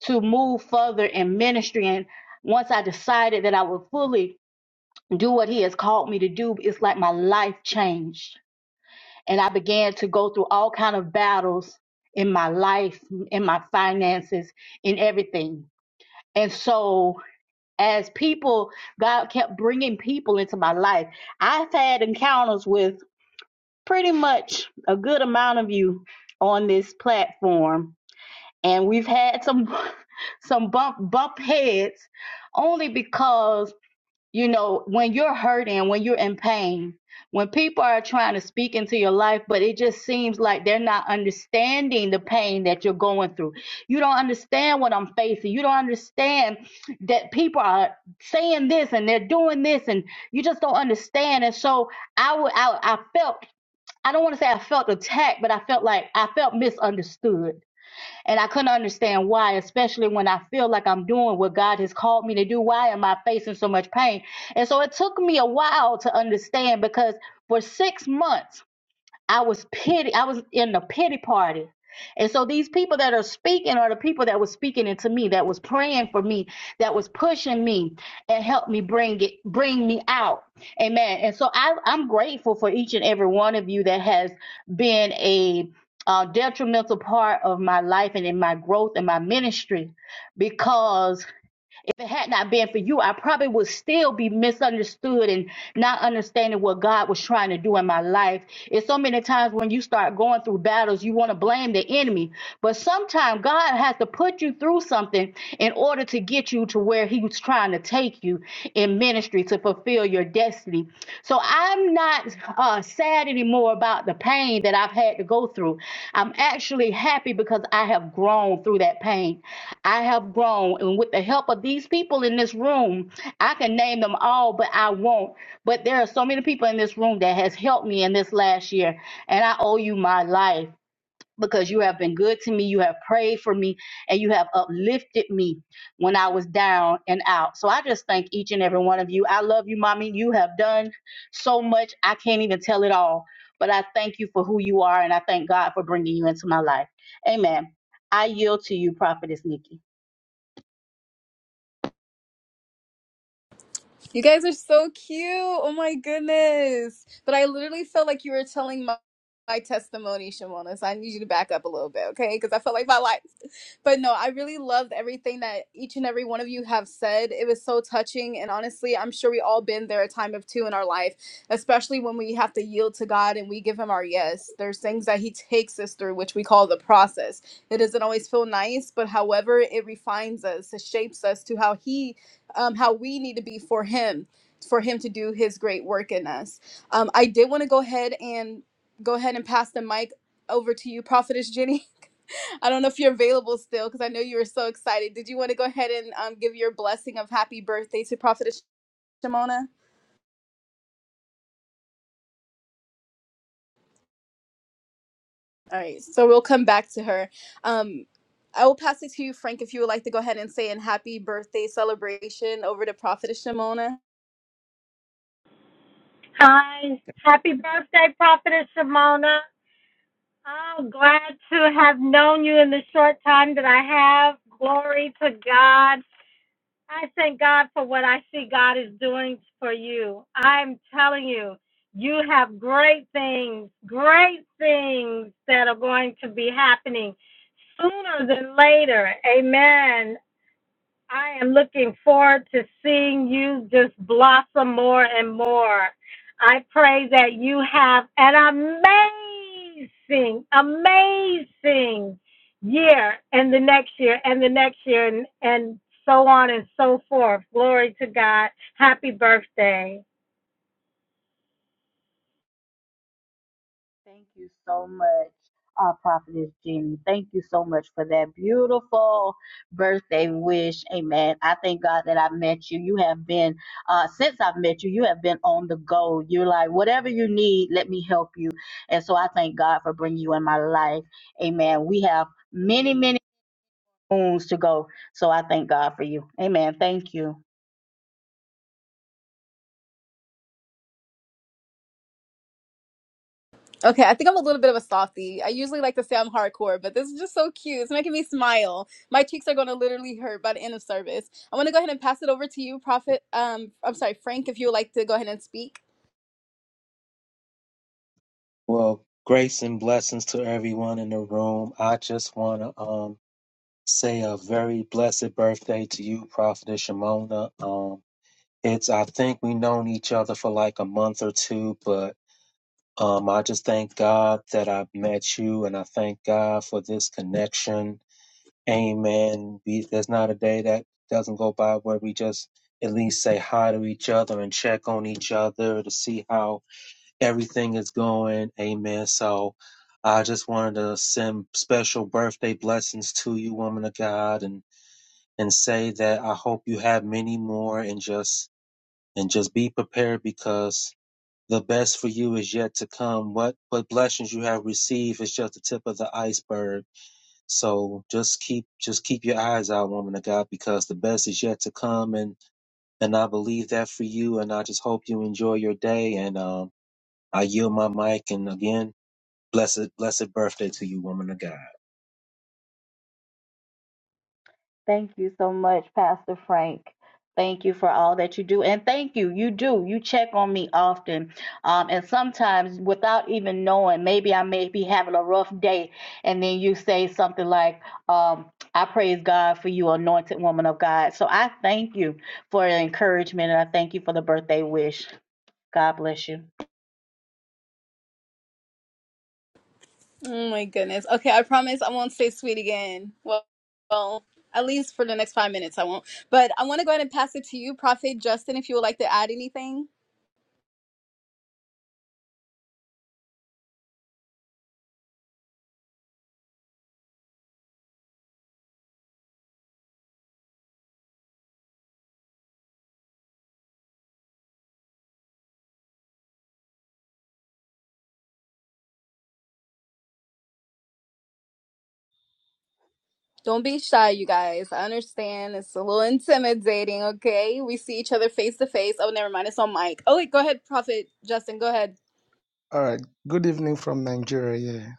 Speaker 10: to move further in ministry, and once I decided that I would fully do what he has called me to do it's like my life changed and i began to go through all kind of battles in my life in my finances in everything and so as people god kept bringing people into my life i've had encounters with pretty much a good amount of you on this platform and we've had some some bump bump heads only because you know, when you're hurting, when you're in pain, when people are trying to speak into your life, but it just seems like they're not understanding the pain that you're going through. You don't understand what I'm facing. You don't understand that people are saying this and they're doing this, and you just don't understand. And so I would, I, I felt. I don't want to say I felt attacked, but I felt like I felt misunderstood and I couldn't understand why, especially when I feel like I'm doing what God has called me to do. Why am I facing so much pain? And so it took me a while to understand because for six months, I was pity. I was in the pity party. And so these people that are speaking are the people that was speaking into me, that was praying for me, that was pushing me and helped me bring it, bring me out. Amen. And so I, I'm grateful for each and every one of you that has been a uh, detrimental part of my life and in my growth and my ministry, because if it had not been for you, I probably would still be misunderstood and not understanding what God was trying to do in my life. It's so many times when you start going through battles, you want to blame the enemy. But sometimes God has to put you through something in order to get you to where He was trying to take you in ministry to fulfill your destiny. So so I'm not uh, sad anymore about the pain that I've had to go through. I'm actually happy because I have grown through that pain. I have grown. And with the help of these people in this room, I can name them all, but I won't. But there are so many people in this room that has helped me in this last year. And I owe you my life because you have been good to me. You have prayed for me and you have uplifted me when I was down and out. So I just thank each and every one of you. I love you, mommy. You have done so much. I can't even tell it all, but I thank you for who you are and I thank God for bringing you into my life. Amen. I yield to you, Prophetess Nikki.
Speaker 3: You guys are so cute. Oh my goodness. But I literally felt like you were telling my, my testimony, Shimona. So I need you to back up a little bit, okay? Because I felt like my life. But no, I really loved everything that each and every one of you have said. It was so touching. And honestly, I'm sure we all been there a time of two in our life, especially when we have to yield to God and we give him our yes. There's things that he takes us through, which we call the process. It doesn't always feel nice, but however, it refines us, it shapes us to how he um, how we need to be for him for him to do his great work in us um, i did want to go ahead and go ahead and pass the mic over to you prophetess jenny i don't know if you're available still because i know you were so excited did you want to go ahead and um, give your blessing of happy birthday to prophetess shimona all right so we'll come back to her um, i will pass it to you frank if you would like to go ahead and say an happy birthday celebration over to prophetess shimona
Speaker 8: hi. Happy birthday, Prophetess Shimona. I'm glad to have known you in the short time that I have. Glory to God. I thank God for what I see God is doing for you. I'm telling you, you have great things, great things that are going to be happening sooner than later. Amen. I am looking forward to seeing you just blossom more and more. I pray that you have an amazing, amazing year and the next year and the next year and, and so on and so forth. Glory to God. Happy birthday.
Speaker 10: Thank you so much, uh, Prophetess Jenny. Thank you so much for that beautiful birthday wish. Amen. I thank God that I met you. You have been, uh, since I've met you, you have been on the go. You're like, whatever you need, let me help you. And so I thank God for bringing you in my life. Amen. We have many, many moons to go. So I thank God for you. Amen. Thank you.
Speaker 3: Okay, I think I'm a little bit of a softie. I usually like to say I'm hardcore, but this is just so cute. It's making me smile. My cheeks are going to literally hurt by the end of service. I want to go ahead and pass it over to you, Prophet. Um, I'm sorry, Frank, if you would like to go ahead and speak.
Speaker 12: Well, grace and blessings to everyone in the room. I just want to um say a very blessed birthday to you, Prophetess Shimona. Um, it's I think we known each other for like a month or two, but um, I just thank God that I met you, and I thank God for this connection. Amen. We, there's not a day that doesn't go by where we just at least say hi to each other and check on each other to see how everything is going. Amen. So I just wanted to send special birthday blessings to you, woman of God, and and say that I hope you have many more and just and just be prepared because the best for you is yet to come. What what blessings you have received is just the tip of the iceberg. So just keep just keep your eyes out, woman of God, because the best is yet to come and and I believe that for you and I just hope you enjoy your day and um I yield my mic and again Blessed, blessed birthday to you, woman of God.
Speaker 10: Thank you so much, Pastor Frank. Thank you for all that you do. And thank you. You do. You check on me often. Um, and sometimes without even knowing, maybe I may be having a rough day. And then you say something like, um, I praise God for you, anointed woman of God. So I thank you for the encouragement and I thank you for the birthday wish. God bless you.
Speaker 3: Oh my goodness. Okay, I promise I won't say sweet again. Well, well, at least for the next five minutes, I won't. But I want to go ahead and pass it to you, Prophet Justin, if you would like to add anything. Don't be shy, you guys. I understand it's a little intimidating, okay? We see each other face to face. Oh, never mind. It's on mic. Oh, wait, go ahead, Prophet Justin. Go ahead.
Speaker 4: All right. Good evening from Nigeria. Yeah.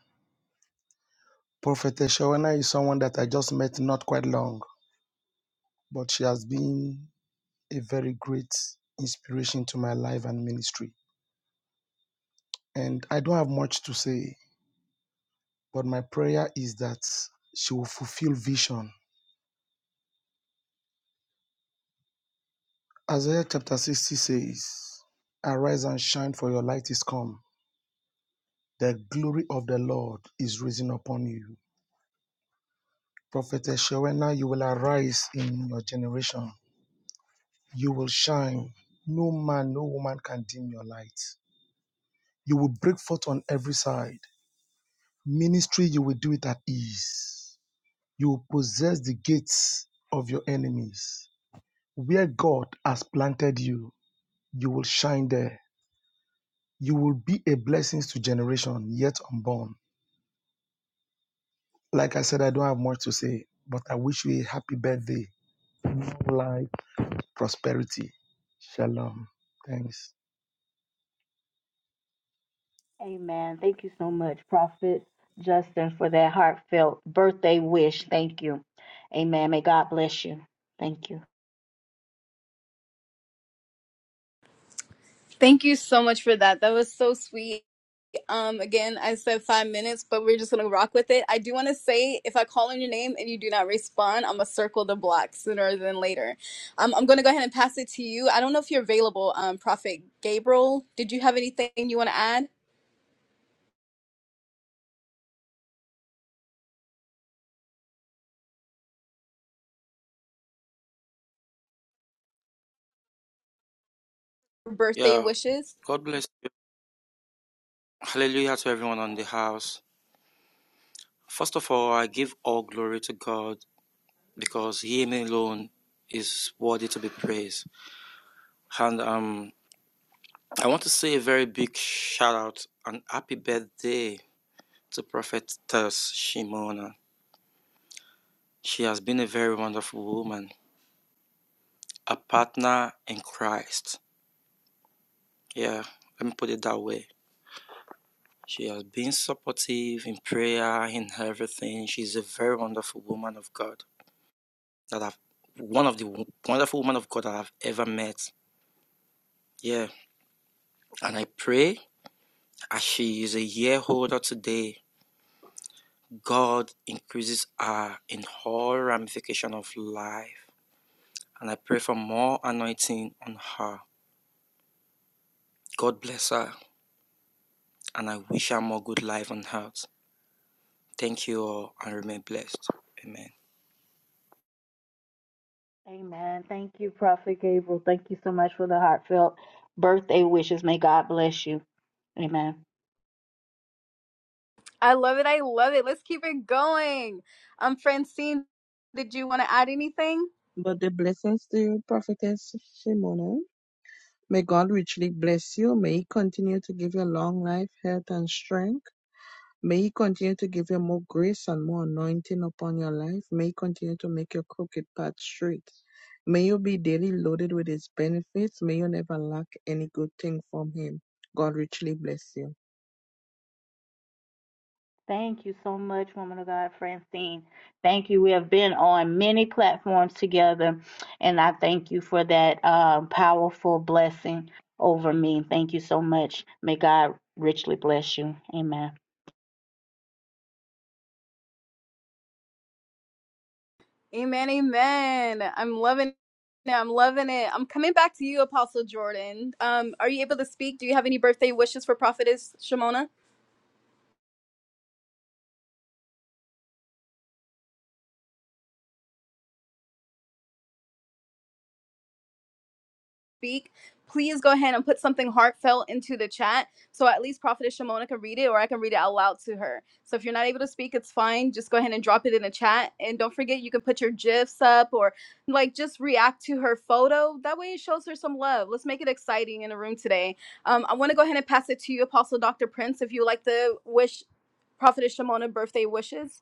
Speaker 4: Prophetess Shawana is someone that I just met not quite long, but she has been a very great inspiration to my life and ministry. And I don't have much to say, but my prayer is that she will fulfill vision. Isaiah chapter 60 says, Arise and shine, for your light is come. The glory of the Lord is risen upon you. Prophetess Shawena, you will arise in your generation You will shine. No man, no woman can dim your light. You will break forth on every side. Ministry, you will do it at ease. You will possess the gates of your enemies. Where God has planted you, you will shine there. You will be a blessing to generation yet unborn. Like I said, I don't have much to say, but I wish you a happy birthday. More life, prosperity. Shalom. Thanks.
Speaker 10: Amen. Thank you so much, Prophet Justin, for that heartfelt birthday wish. Thank you. Amen. May God bless you. Thank you.
Speaker 3: Thank you so much for that. That was so sweet. Um, again, I said five minutes, but we're just gonna rock with it. I do want to say, if I call on your name and you do not respond, I'm gonna circle the block sooner than later. Um, I'm gonna go ahead and pass it to you. I don't know if you're available, um, Prophet Gabriel. Did you have anything you want to add? Birthday
Speaker 13: Yeah,
Speaker 3: wishes.
Speaker 13: God bless you. Hallelujah to everyone on the house. First of all, I give all glory to God because He alone is worthy to be praised. And um, I want to say a very big shout out and happy birthday to Prophetess Shimona. She has been a very wonderful woman, a partner in Christ. Yeah, let me put it that way. She has been supportive in prayer, in everything. She's a very wonderful woman of God. that I've one of the wonderful women of God that I've ever met. Yeah. And I pray as she is a year older today, God increases her in all ramification of life. And I pray for more anointing on her. God bless her. And I wish her more good life on earth. Thank you all and remain blessed. Amen.
Speaker 10: Amen. Thank you, Prophet Gabriel. Thank you so much for the heartfelt birthday wishes. May God bless you. Amen.
Speaker 3: I love it. I love it. Let's keep it going. Um, Francine, did you want to add anything?
Speaker 14: But the blessings to you, Prophetess Shimona. May God richly bless you. May He continue to give you long life, health, and strength. May He continue to give you more grace and more anointing upon your life. May He continue to make your crooked path straight. May you be daily loaded with His benefits. May you never lack any good thing from Him. God richly bless you.
Speaker 10: Thank you so much, woman of God, Francine. Thank you. We have been on many platforms together, and I thank you for that um, powerful blessing over me. Thank you so much. May God richly bless you. Amen.
Speaker 3: Amen. Amen. I'm loving it. I'm loving it. I'm coming back to you, Apostle Jordan. Um, are you able to speak? Do you have any birthday wishes for Prophetess Shimona? speak, please go ahead and put something heartfelt into the chat so at least Prophetess Shimona can read it or I can read it out loud to her. So if you're not able to speak, it's fine. Just go ahead and drop it in the chat. And don't forget, you can put your GIFs up or like just react to her photo. That way it shows her some love. Let's make it exciting in the room today. Um, I want to go ahead and pass it to you, Apostle Dr. Prince, if you would like to wish Prophetess Shimona birthday wishes.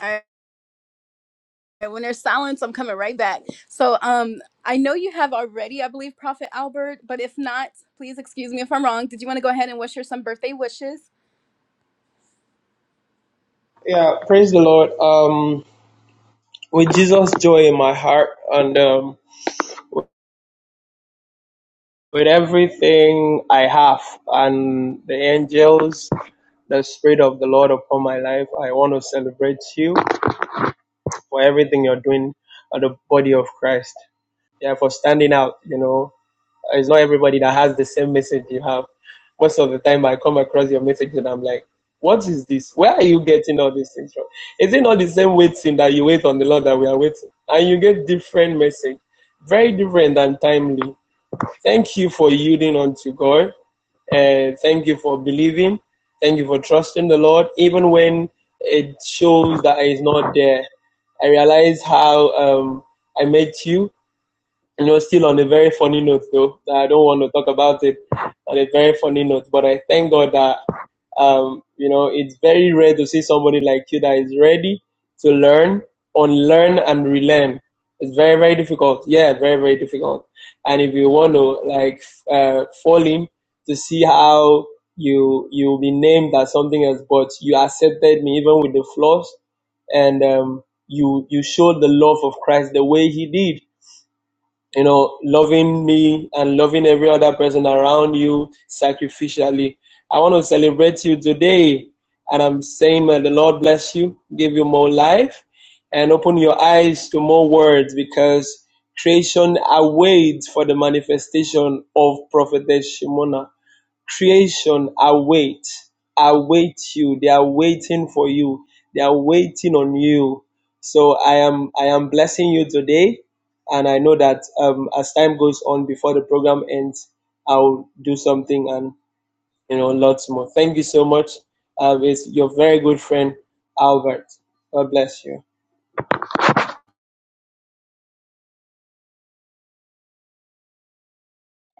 Speaker 3: All right. when there's silence, I'm coming right back. So um, I know you have already, I believe, Prophet Albert, but if not, please excuse me if I'm wrong. Did you want to go ahead and wish her some birthday wishes?
Speaker 5: Yeah, praise the Lord. Um, with Jesus' joy in my heart, and um, with everything I have, and the angels, the Spirit of the Lord upon my life, I want to celebrate you for everything you're doing at the body of Christ. Yeah, for standing out, you know, It's not everybody that has the same message you have. Most of the time, I come across your message and I'm like, what is this? Where are you getting all these things from? Is it not the same waiting that you wait on the Lord that we are waiting? And you get different message, very different and timely. Thank you for yielding unto God. Uh, thank you for believing. Thank you for trusting the Lord, even when it shows that it's not there. I realize how um, I met you you know, still on a very funny note though. I don't want to talk about it on a very funny note, but I thank God that um, you know, it's very rare to see somebody like you that is ready to learn, unlearn and relearn. It's very, very difficult. Yeah, very, very difficult. And if you want to like uh, fall in to see how you you'll be named as something else, but you accepted me even with the flaws and um, you you showed the love of Christ the way he did you know, loving me and loving every other person around you sacrificially. I want to celebrate you today. And I'm saying, may the Lord bless you, give you more life, and open your eyes to more words because creation awaits for the manifestation of Prophetess Shimona. Creation awaits, awaits you. They are waiting for you. They are waiting on you. So I am I am blessing you today and I know that um, as time goes on before the program ends, I'll do something and you know lots more. Thank you so much. Uh, it's your very good friend Albert. God bless you.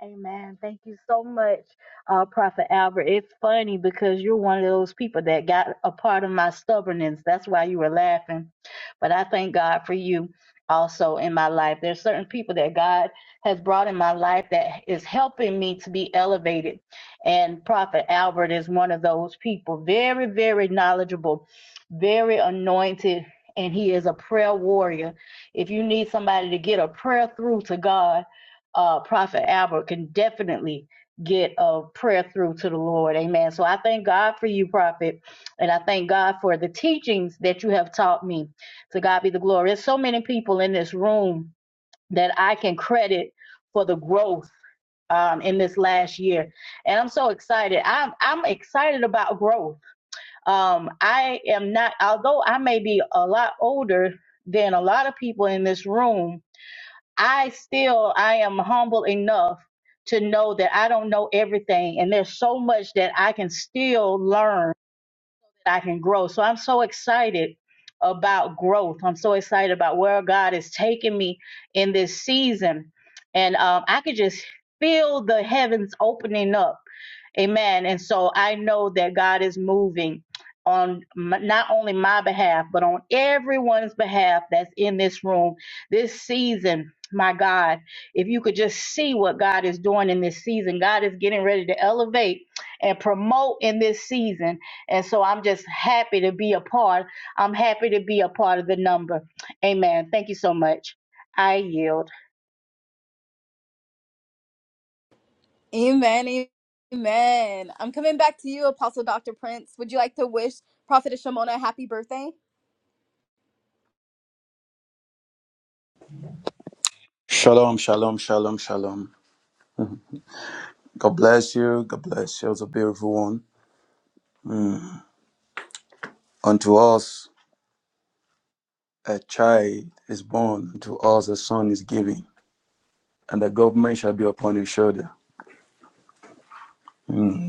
Speaker 10: Amen. Thank you so much, uh, Prophet Albert. It's funny because you're one of those people that got a part of my stubbornness. That's why you were laughing. But I thank God for you also in my life. There's certain people that God has brought in my life that is helping me to be elevated. And Prophet Albert is one of those people. Very, very knowledgeable, very anointed, and he is a prayer warrior. If you need somebody to get a prayer through to God, uh, Prophet Albert can definitely get a prayer through to the Lord. Amen. So I thank God for you, Prophet, and I thank God for the teachings that you have taught me. To God be the glory. There's so many people in this room that I can credit for the growth um, in this last year, and I'm so excited. I'm I'm excited about growth. Um, I am not, although I may be a lot older than a lot of people in this room. I still I am humble enough to know that I don't know everything and there's so much that I can still learn that I can grow. So I'm so excited about growth. I'm so excited about where God is taking me in this season. And um, I could just feel the heavens opening up. Amen. And so I know that God is moving on m- not only my behalf, but on everyone's behalf that's in this room this season. My God, if you could just see what God is doing in this season, God is getting ready to elevate and promote in this season and so I'm just happy to be a part. I'm happy to be a part of the number. Amen. Thank you so much. I yield.
Speaker 3: Amen. Amen. I'm coming back to you, Apostle Dr. Prince. Would you like to wish Prophet Shimona a happy birthday?
Speaker 15: Shalom, shalom, shalom, shalom. God bless you. God bless you. It's a beautiful one. Mm. Unto us a child is born, unto us a son is given, and the government shall be upon his shoulder. Mm.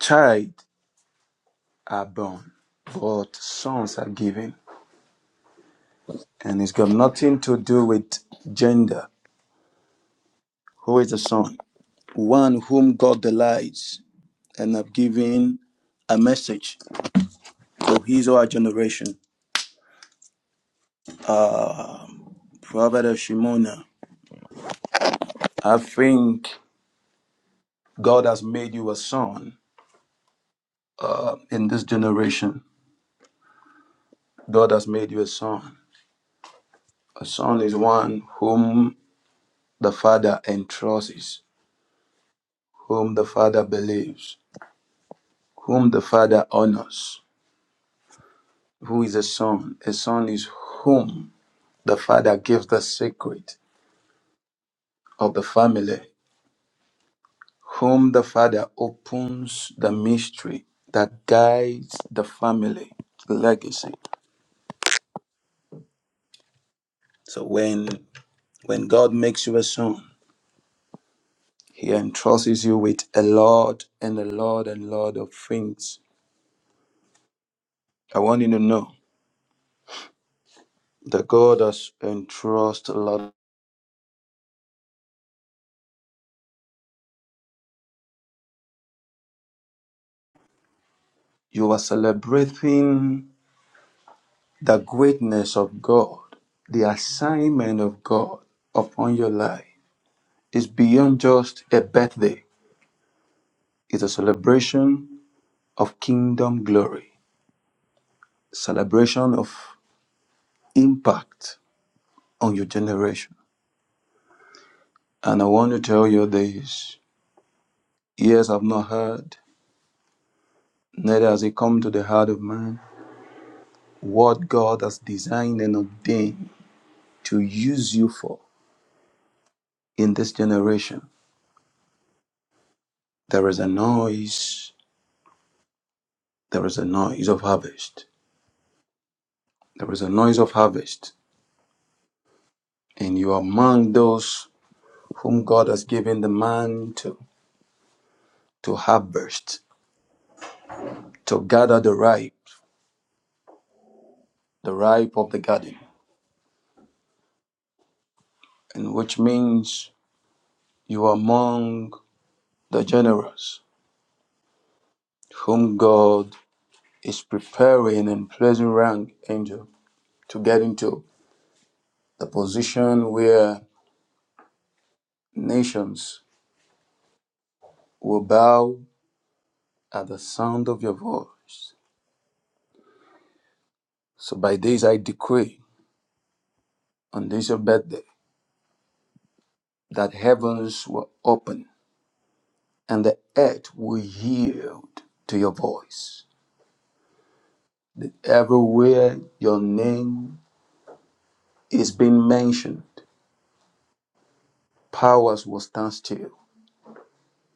Speaker 15: Child are born, but sons are given. And it's got nothing to do with gender. Who is the son? One whom God delights and have given a message to his or her generation. Prophet of Shimona. I think God has made you a son um, in this generation. God has made you a son. A son is one whom the father entrusts, whom the father believes, whom the father honors. Who is a son? A son is whom the father gives the secret of the family, whom the father opens the mystery that guides the family legacy. So when when God makes you a son, He entrusts you with a lot and a lot and lot of things. I want you to know that God has entrusted a lot. You are celebrating the greatness of God, the assignment of God upon your life. is beyond just a birthday, it's a celebration of kingdom glory, celebration of impact on your generation. And I want to tell you this ears have not heard, Neither has it come to the heart of man what God has designed and ordained to use you for in this generation. There is a noise, there is a noise of harvest, there is a noise of harvest, and you are among those whom God has given the mantle to harvest, to gather the ripe, the ripe of the garden, and which means you are among the generous whom God is preparing and placing rank angels to get into the position where nations will bow at the sound of your voice. So by this I decree on this your birthday that heavens will open and the earth will yield to your voice. Everywhere your name is being mentioned, powers will stand still,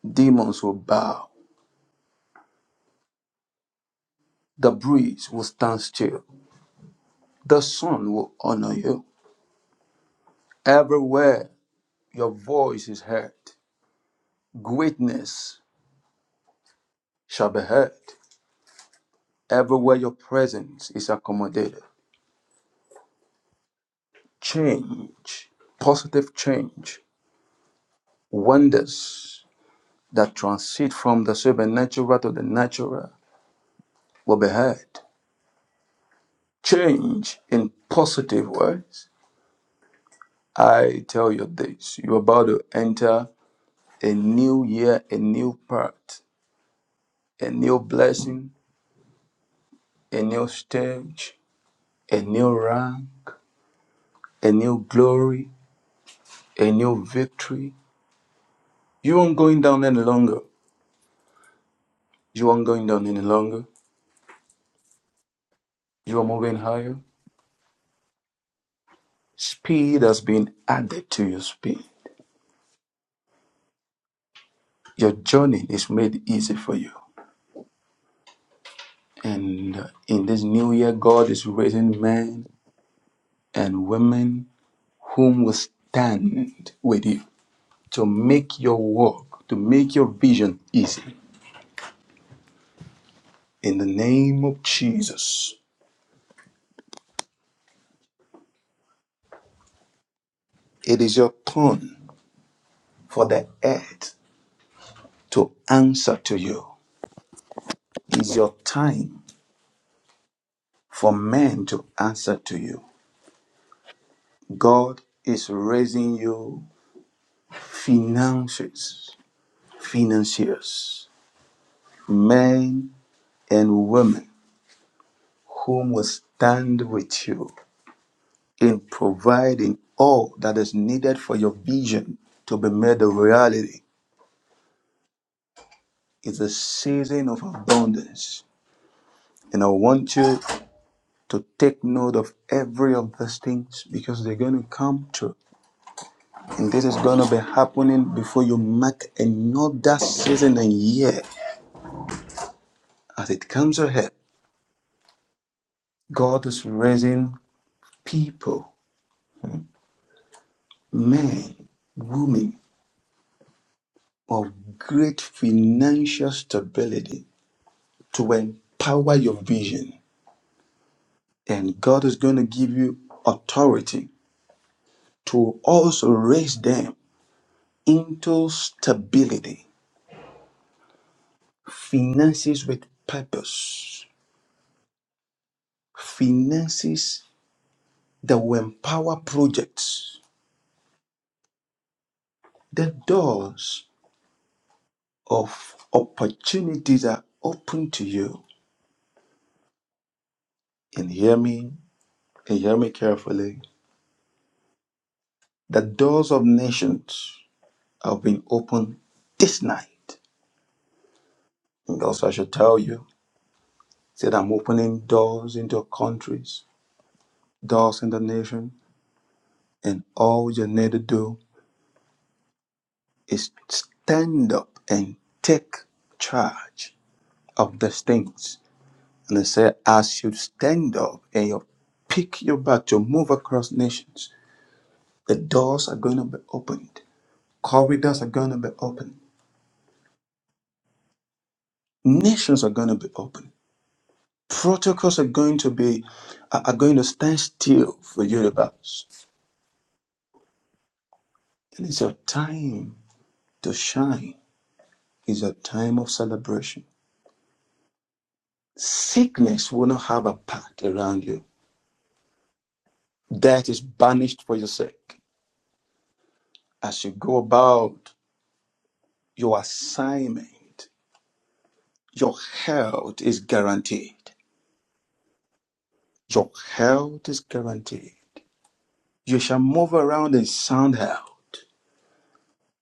Speaker 15: demons will bow, the breeze will stand still, the sun will honor you. Everywhere your voice is heard, Greatness shall be heard everywhere your presence is accommodated. Change, positive change, wonders that transit from the supernatural to the natural will be heard. Change in positive ways. I tell you this you're about to enter a new year, a new part, a new blessing, a new stage, a new rank, a new glory, a new victory You aren't going down any longer. You aren't going down any longer. You are moving higher. Speed has been added to your speed. Your journey is made easy for you. And uh, in this new year, God is raising men and women whom will stand with you to make your walk, to make your vision easy. In the name of Jesus, it is your turn for the earth to answer to you. It's your time for men to answer to you. God is raising you financiers, financiers, men and women whom will stand with you in providing all that is needed for your vision to be made a reality. It's a season of abundance. And I want you to take note of every of these things because they're going to come true And this is going to be happening before you mark another season and year as it comes ahead. God is raising people, men, women of great financial stability to empower your vision. And God is going to give you authority to also raise them into stability, finances with purpose, finances that will empower projects The doors of opportunities are open to you. And hear me, and hear me carefully. The doors of nations have been opened this night. And also, I should tell you that I'm opening doors into countries, doors in the nation, and all you need to do is stand up and take charge of these things. And I say, as you stand up and you pick your back to move across nations, The doors are going to be opened. Corridors are going to be opened. Nations are going to be opened. Protocols are going to be are are going to stand still for universe. And it's your time to shine. It's a time of celebration. Sickness will not have a path around you. Death is banished for your sake. As you go about your assignment, your health is guaranteed. Your health is guaranteed. You shall move around and sound out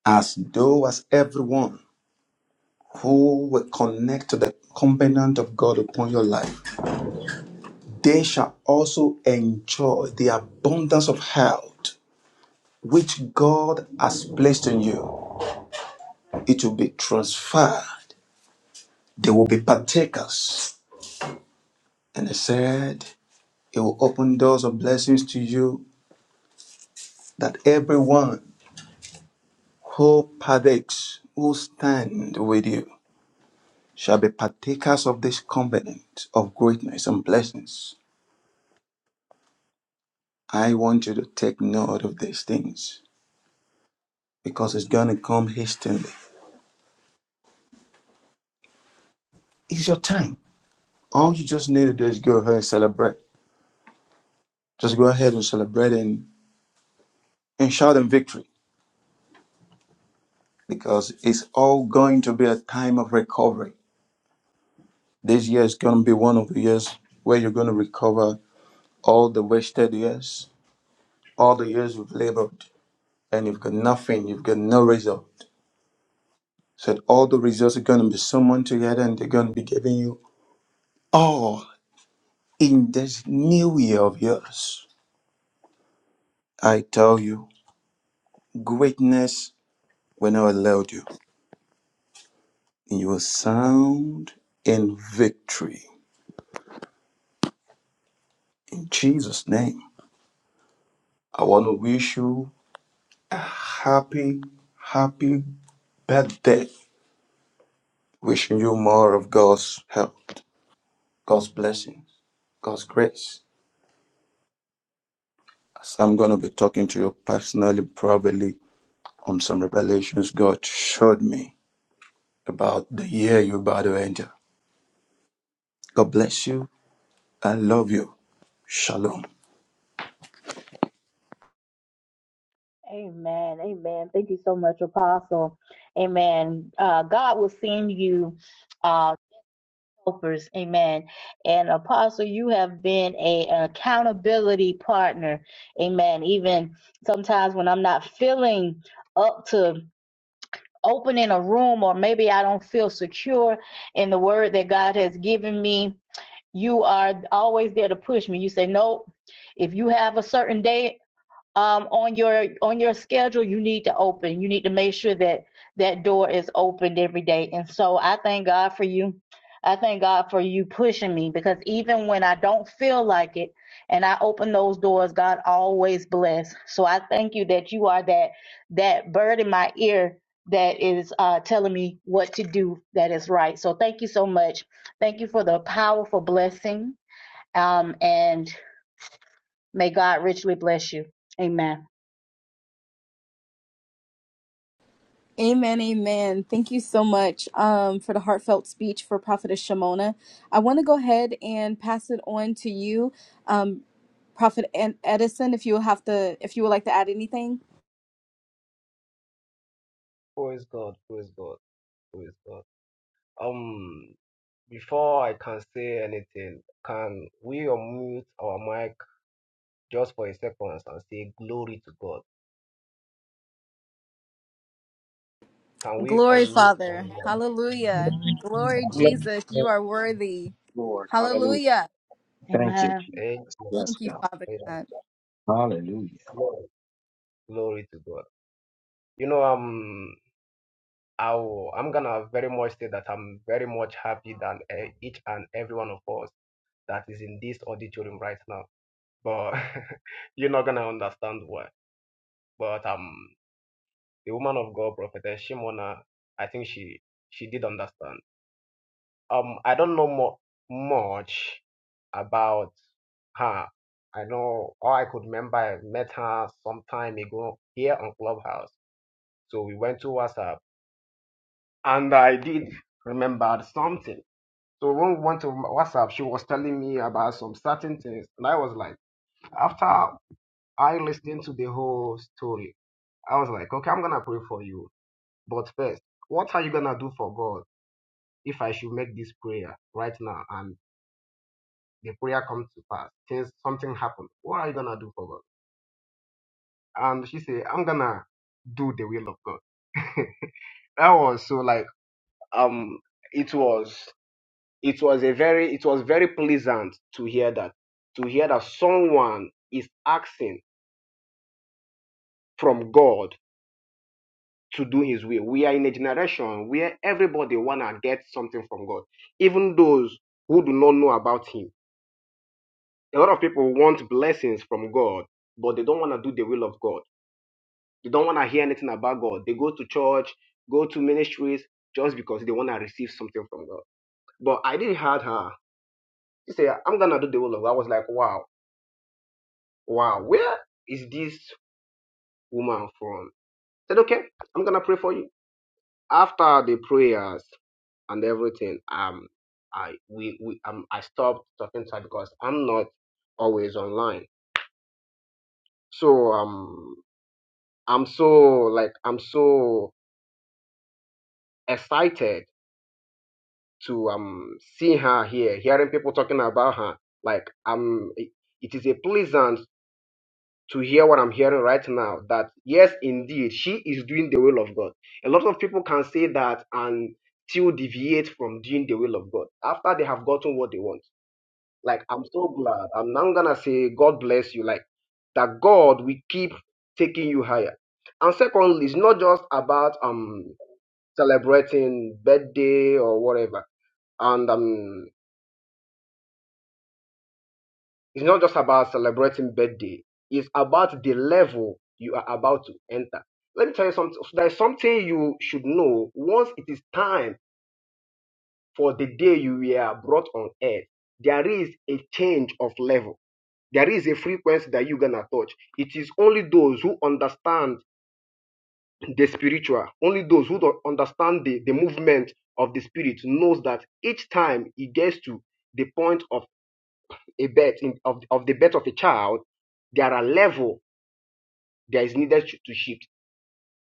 Speaker 15: as though as everyone who will connect to the covenant of God upon your life. They shall also enjoy the abundance of health which God has placed in you. It will be transferred. They will be partakers. And he said, It will open doors of blessings to you that everyone who partakes will stand with you shall be partakers of this covenant of greatness and blessings. I want you to take note of these things because it's going to come hastily. It's your time. All you just need to do is go ahead and celebrate. Just go ahead and celebrate and, and shout in victory because it's all going to be a time of recovery. This year is going to be one of the years where you're going to recover all the wasted years, all the years you've labored and you've got nothing, you've got no result. said all the results are going to be summoned together and they're going to be giving you all in this new year of yours. I tell you, greatness will not allow you. You will sound in victory. In Jesus' name, I want to wish you a happy, happy birthday. Wishing you more of God's help, God's blessings, God's grace. As I'm going to be talking to you personally, probably on some revelations God showed me about the year you're about to enter. God bless you. I love you. Shalom.
Speaker 10: Amen. Amen. Thank you so much, Apostle. Amen. Uh, God will send you uh, helpers. Amen. And Apostle, you have been a, an accountability partner. Amen. Even sometimes when I'm not feeling up to opening a room or maybe I don't feel secure in the word that God has given me you are always there to push me. You say, nope, if you have a certain day um, on your on your schedule you need to open you need to make sure that that door is opened every day and so i thank god for you i thank god for you pushing me because even when i don't feel like it and i open those doors god always bless so i thank you that you are that that bird in my ear that is uh, telling me what to do that is right so thank you so much thank you for the powerful blessing um, and may god richly bless you amen
Speaker 3: Amen, amen. Thank you so much um, for the heartfelt speech for Prophetess Shimona. I want to go ahead and pass it on to you, um, Prophet Ed- Edison, if you have to, if you would like to add anything.
Speaker 16: Praise God, praise God, praise God. Um, before I can say anything, can we unmute our mic just for a second and say glory to God? Can we
Speaker 3: Glory,
Speaker 16: unmute our
Speaker 3: Father.
Speaker 16: mic?
Speaker 3: Hallelujah. Glory, Jesus. You are worthy.
Speaker 12: Lord, hallelujah.
Speaker 3: Hallelujah.
Speaker 12: Thank you,
Speaker 10: amen
Speaker 16: Amen.
Speaker 12: Jesus. Yes,
Speaker 3: Thank you,
Speaker 12: God.
Speaker 3: Father
Speaker 16: Amen.
Speaker 3: God.
Speaker 12: Hallelujah.
Speaker 16: Glory, glory to God. You know, um, I will, I'm gonna very much say that I'm very much happy that eh, each and every one of us that is in this auditorium right now. But you're not gonna understand why. But um. the woman of God, prophetess Shimona, I think she she did understand. Um, I don't know more much about her. I know all I could remember. I met her some time ago here on Clubhouse. So we went to WhatsApp, and I did remember something. So when we went to WhatsApp, she was telling me about some certain things, and I was like, after I listened to the whole story, I was like, okay, I'm gonna pray for you, but first, what are you gonna do for God? if I should make this prayer right now and the prayer comes to pass, since something happened, what are you gonna do for God? And she said, I'm gonna do the will of God. that was so like um it was it was a very it was very pleasant to hear that to hear that someone is asking from God to do his will. We are in a generation where everybody wanna get something from God, even those who do not know about him A lot of people want blessings from God, but they don't want to do the will of God. They don't want to hear anything about God. They go to church, go to ministries just because they want to receive something from God. But I didn't had her. She said, I'm gonna do the will of God. I was like, wow, wow, where is this woman from? I said, okay, I'm gonna pray for you. After the prayers and everything, um, I we, we um I stopped talking to her because I'm not always online. So um I'm so like I'm so excited to um see her here, hearing people talking about her. Like I'm it it is a pleasant to hear what I'm hearing right now that yes indeed she is doing the will of God. A lot of people can say that and still deviate from doing the will of God after they have gotten what they want. Like I'm so glad. I'm now gonna say God bless you. Like that God will keep taking you higher. And secondly, it's not just about um celebrating birthday or whatever. And um, it's not just about celebrating birthday. It's about the level you are about to enter. Let me tell you something. There is something you should know. Once it is time for the day you were brought on earth, there is a change of level. There is a frequency that you're gonna touch. It is only those who understand the spiritual, only those who don't understand the, the movement of the spirit knows that each time it gets to the point of a birth in, of, of the birth of a child, there are level that is needed to, to shift.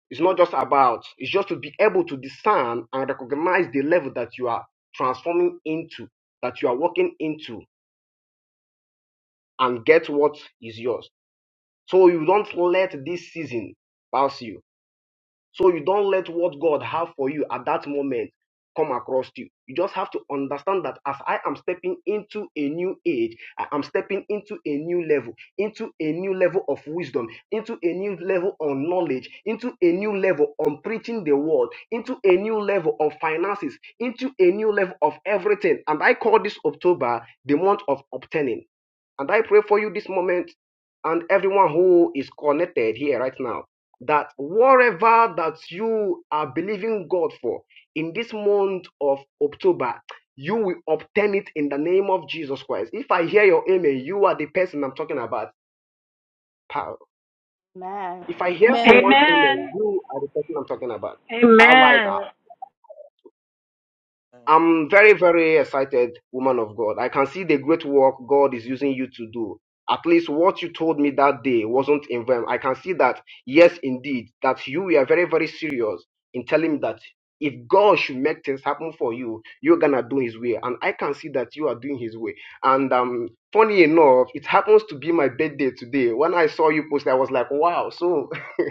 Speaker 16: It's not just about, it's just to be able to discern and recognize the level that you are transforming into, that you are walking into, and get what is yours. So you don't let this season pass you So you don't let what God have for you at that moment come across you. You just have to understand that as I am stepping into a new age, I am stepping into a new level, into a new level of wisdom, into a new level on knowledge, into a new level on preaching the word, into a new level of finances, into a new level of everything. And I call this October the month of obtaining and I pray for you this moment and everyone who is connected here right now that whatever that you are believing God for in this month of October, you will obtain it in the name of Jesus Christ. If I hear your amen, you are the person I'm talking about, pal.
Speaker 10: Man.
Speaker 16: If I hear
Speaker 3: Amen.
Speaker 16: someone's amen,
Speaker 8: Amen.
Speaker 16: you are the person I'm talking about. I like
Speaker 8: Amen.
Speaker 16: I'm very, very excited, woman of God. I can see the great work God is using you to do. At least what you told me that day wasn't in vain. I can see that, yes, indeed, that you were very, very serious in telling me that if God should make things happen for you, you're gonna do His way. And I can see that you are doing His way. And um, funny enough, it happens to be my birthday today. When I saw you post, I was like, wow. So,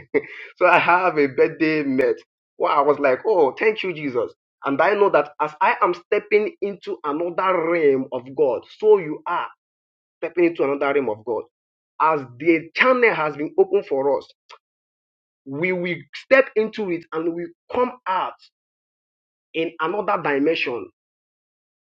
Speaker 16: so I have a birthday met. Wow, I was like, oh, thank you, Jesus and I know that as I am stepping into another realm of God, so you are stepping into another realm of God. As the channel has been opened for us, we will step into it and we come out in another dimension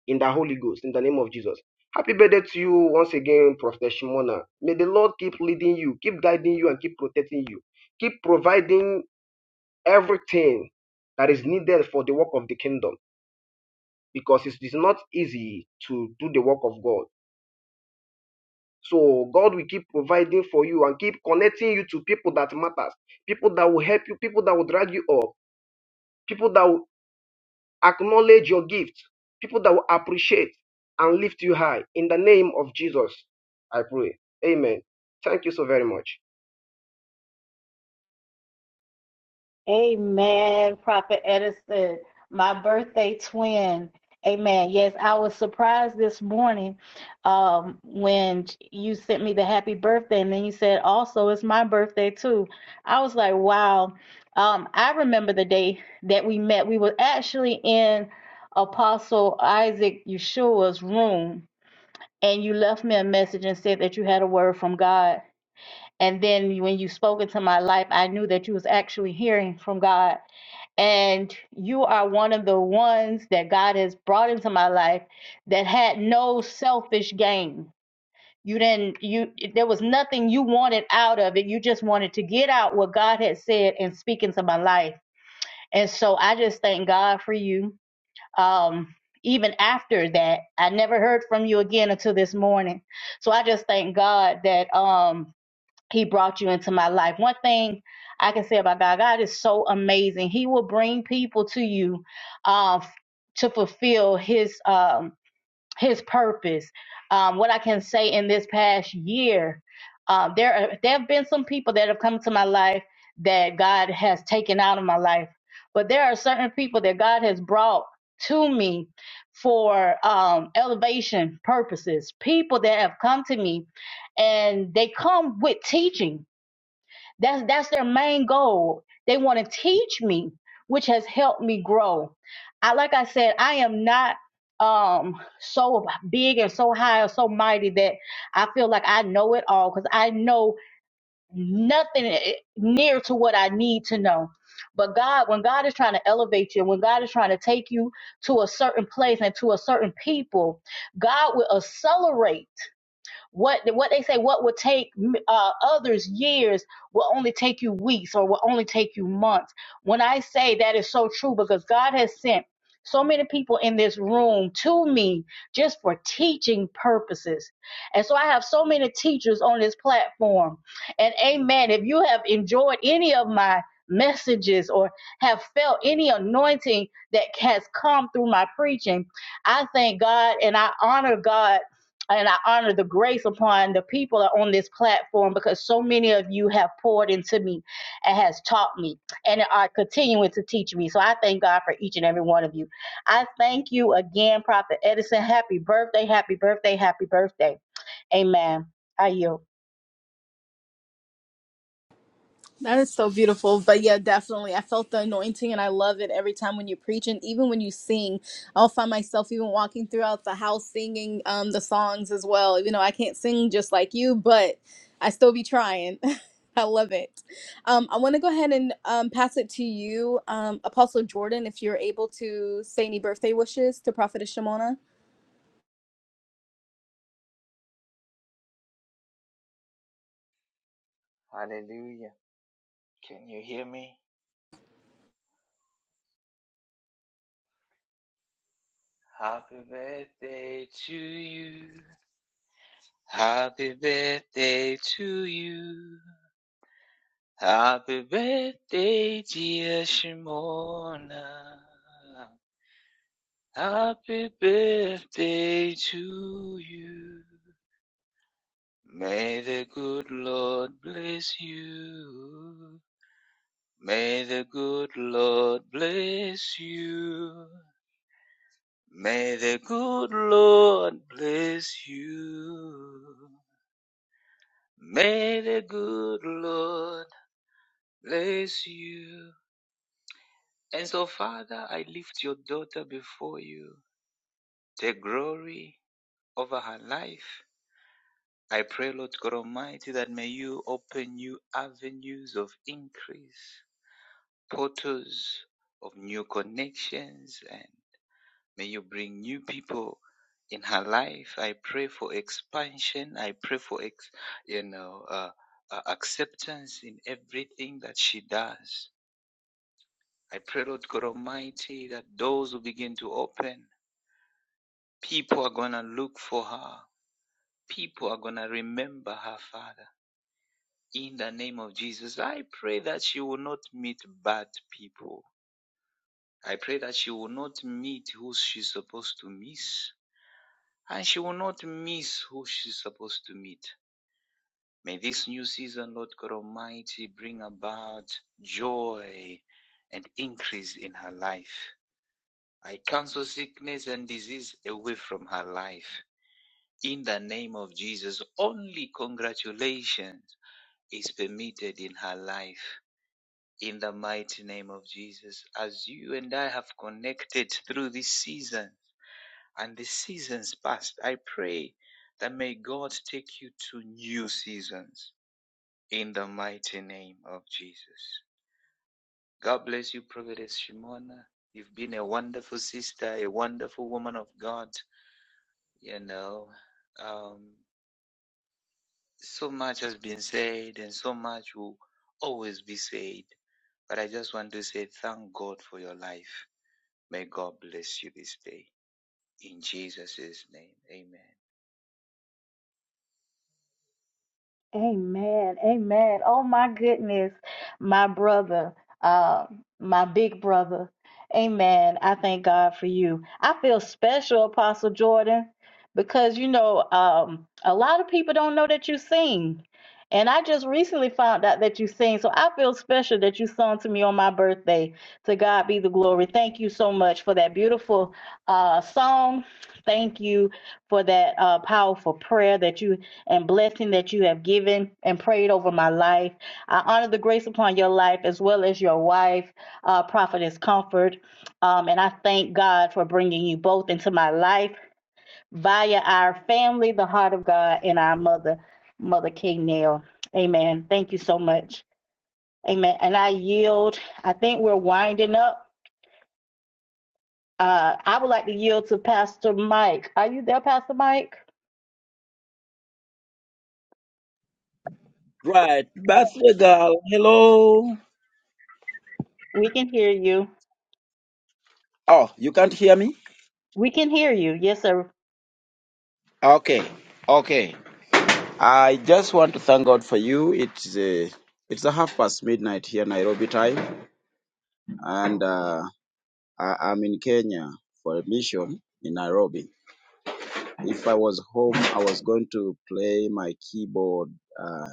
Speaker 16: in the Holy Ghost, in the name of Jesus. Happy birthday to you once again, Prophet Shimona. May the Lord keep leading you, keep guiding you, and keep protecting you. Keep providing everything that is needed for the work of the kingdom because it is not easy to do the work of God. So God will keep providing for you and keep connecting you to people that matters, people that will help you, people that will drag you up, people that will acknowledge your gift, people that will appreciate and lift you high. In the name of Jesus, I pray. Amen. Thank you so very much.
Speaker 10: Amen, Prophet Edison, my birthday twin. Amen. Yes, I was surprised this morning um, when you sent me the happy birthday, and then you said also it's my birthday too. I was like, wow. Um, I remember the day that we met. We were actually in Apostle Isaac Yeshua's room, and you left me a message and said that you had a word from God And then when you spoke into my life, I knew that you was actually hearing from God. And you are one of the ones that God has brought into my life that had no selfish gain. You didn't, you, there was nothing you wanted out of it. You just wanted to get out what God had said and speak into my life. And so I just thank God for you. Um, even after that, I never heard from you again until this morning. So I just thank God that, um, he brought you into my life. One thing I can say about God, God is so amazing. He will bring people to you uh, to fulfill His um, his purpose. Um, what I can say in this past year, um, there are, there have been some people that have come to my life that God has taken out of my life, but there are certain people that God has brought to me for um, elevation purposes. People that have come to me, and they come with teaching that's that's their main goal. They want to teach me, which has helped me grow. I like I said, I am not um so big and so high or so mighty that I feel like I know it all because I know nothing eh, near to what I need to know. But God, when God is trying to elevate you, when God is trying to take you to a certain place and to a certain people, God will accelerate. What what they say what would take uh, others years will only take you weeks or will only take you months. When I say that is so true because God has sent so many people in this room to me just for teaching purposes. And so I have so many teachers on this platform. And amen, if you have enjoyed any of my messages or have felt any anointing that has come through my preaching, I thank God and I honor God and I honor the grace upon the people on this platform because so many of you have poured into me and has taught me and are continuing to teach me. So I thank God for each and every one of you. I thank you again, Prophet Edison. Happy birthday, happy birthday, happy birthday. Amen. I yield.
Speaker 3: That is so beautiful. But yeah, definitely. I felt the anointing and I love it every time when you preach and even when you sing. I'll find myself even walking throughout the house singing um, the songs as well. You know, I can't sing just like you, but I still be trying. I love it. Um, I want to go ahead and um, pass it to you, um, Apostle Jordan, if you're able to say any birthday wishes to Prophetess Shimona.
Speaker 17: Hallelujah. Can you hear me? Happy birthday to you. Happy birthday to you. Happy birthday, dear Shimona. Happy birthday to you. May the good Lord bless you. May the good Lord bless you. May the good Lord bless you. May the good Lord bless you. And so, Father, I lift your daughter before you. Take glory over her life. I pray, Lord God Almighty, that may you open new avenues of increase, portals of new connections and. May you bring new people in her life. I pray for expansion. I pray for, ex- you know, uh, uh, acceptance in everything that she does. I pray, Lord God Almighty, that doors will begin to open. People are going to look for her. People are going to remember her, Father. In the name of Jesus, I pray that she will not meet bad people. I pray that she will not meet who she's supposed to miss. and she will not miss who she's supposed to meet. May this new season, Lord God Almighty, bring about joy and increase in her life. I cancel sickness and disease away from her life. In the name of Jesus, only congratulations is permitted in her life. In the mighty name of Jesus, as you and I have connected through this season, and the seasons past. I pray that may God take you to new seasons in the mighty name of Jesus. God bless you, Providence Shimona. You've been a wonderful sister, a wonderful woman of God. You know, um, so much has been said and so much will always be said. But I just want to say thank God for your life. May God bless you this day. In Jesus' name, amen.
Speaker 10: Amen. Amen. Oh my goodness, my brother, uh, my big brother. Amen. I thank God for you. I feel special, Apostle Jordan, because you know, um, a lot of people don't know that you sing. And I just recently found out that you sing. So I feel special that you sung to me on my birthday. To God be the glory. Thank you so much for that beautiful uh, song. Thank you for that uh, powerful prayer that you and blessing that you have given and prayed over my life. I honor the grace upon your life as well as your wife, uh, Prophetess Comfort. Um, and I thank God for bringing you both into my life via our family, the heart of God, and our mother, Mother King Nell. Amen. Thank you so much. Amen. And I yield. I think we're winding up. Uh, I would like to yield to Pastor Mike. Are you there, Pastor Mike?
Speaker 18: Right. Birthday girl, hello.
Speaker 10: We can hear you.
Speaker 18: Oh, you can't hear me?
Speaker 10: We can hear you. Yes, sir.
Speaker 18: Okay. Okay. I just want to thank God for you. It's a, it's a half past midnight here, Nairobi time. And uh, I, I'm in Kenya for a mission in Nairobi. If I was home, I was going to play my keyboard uh,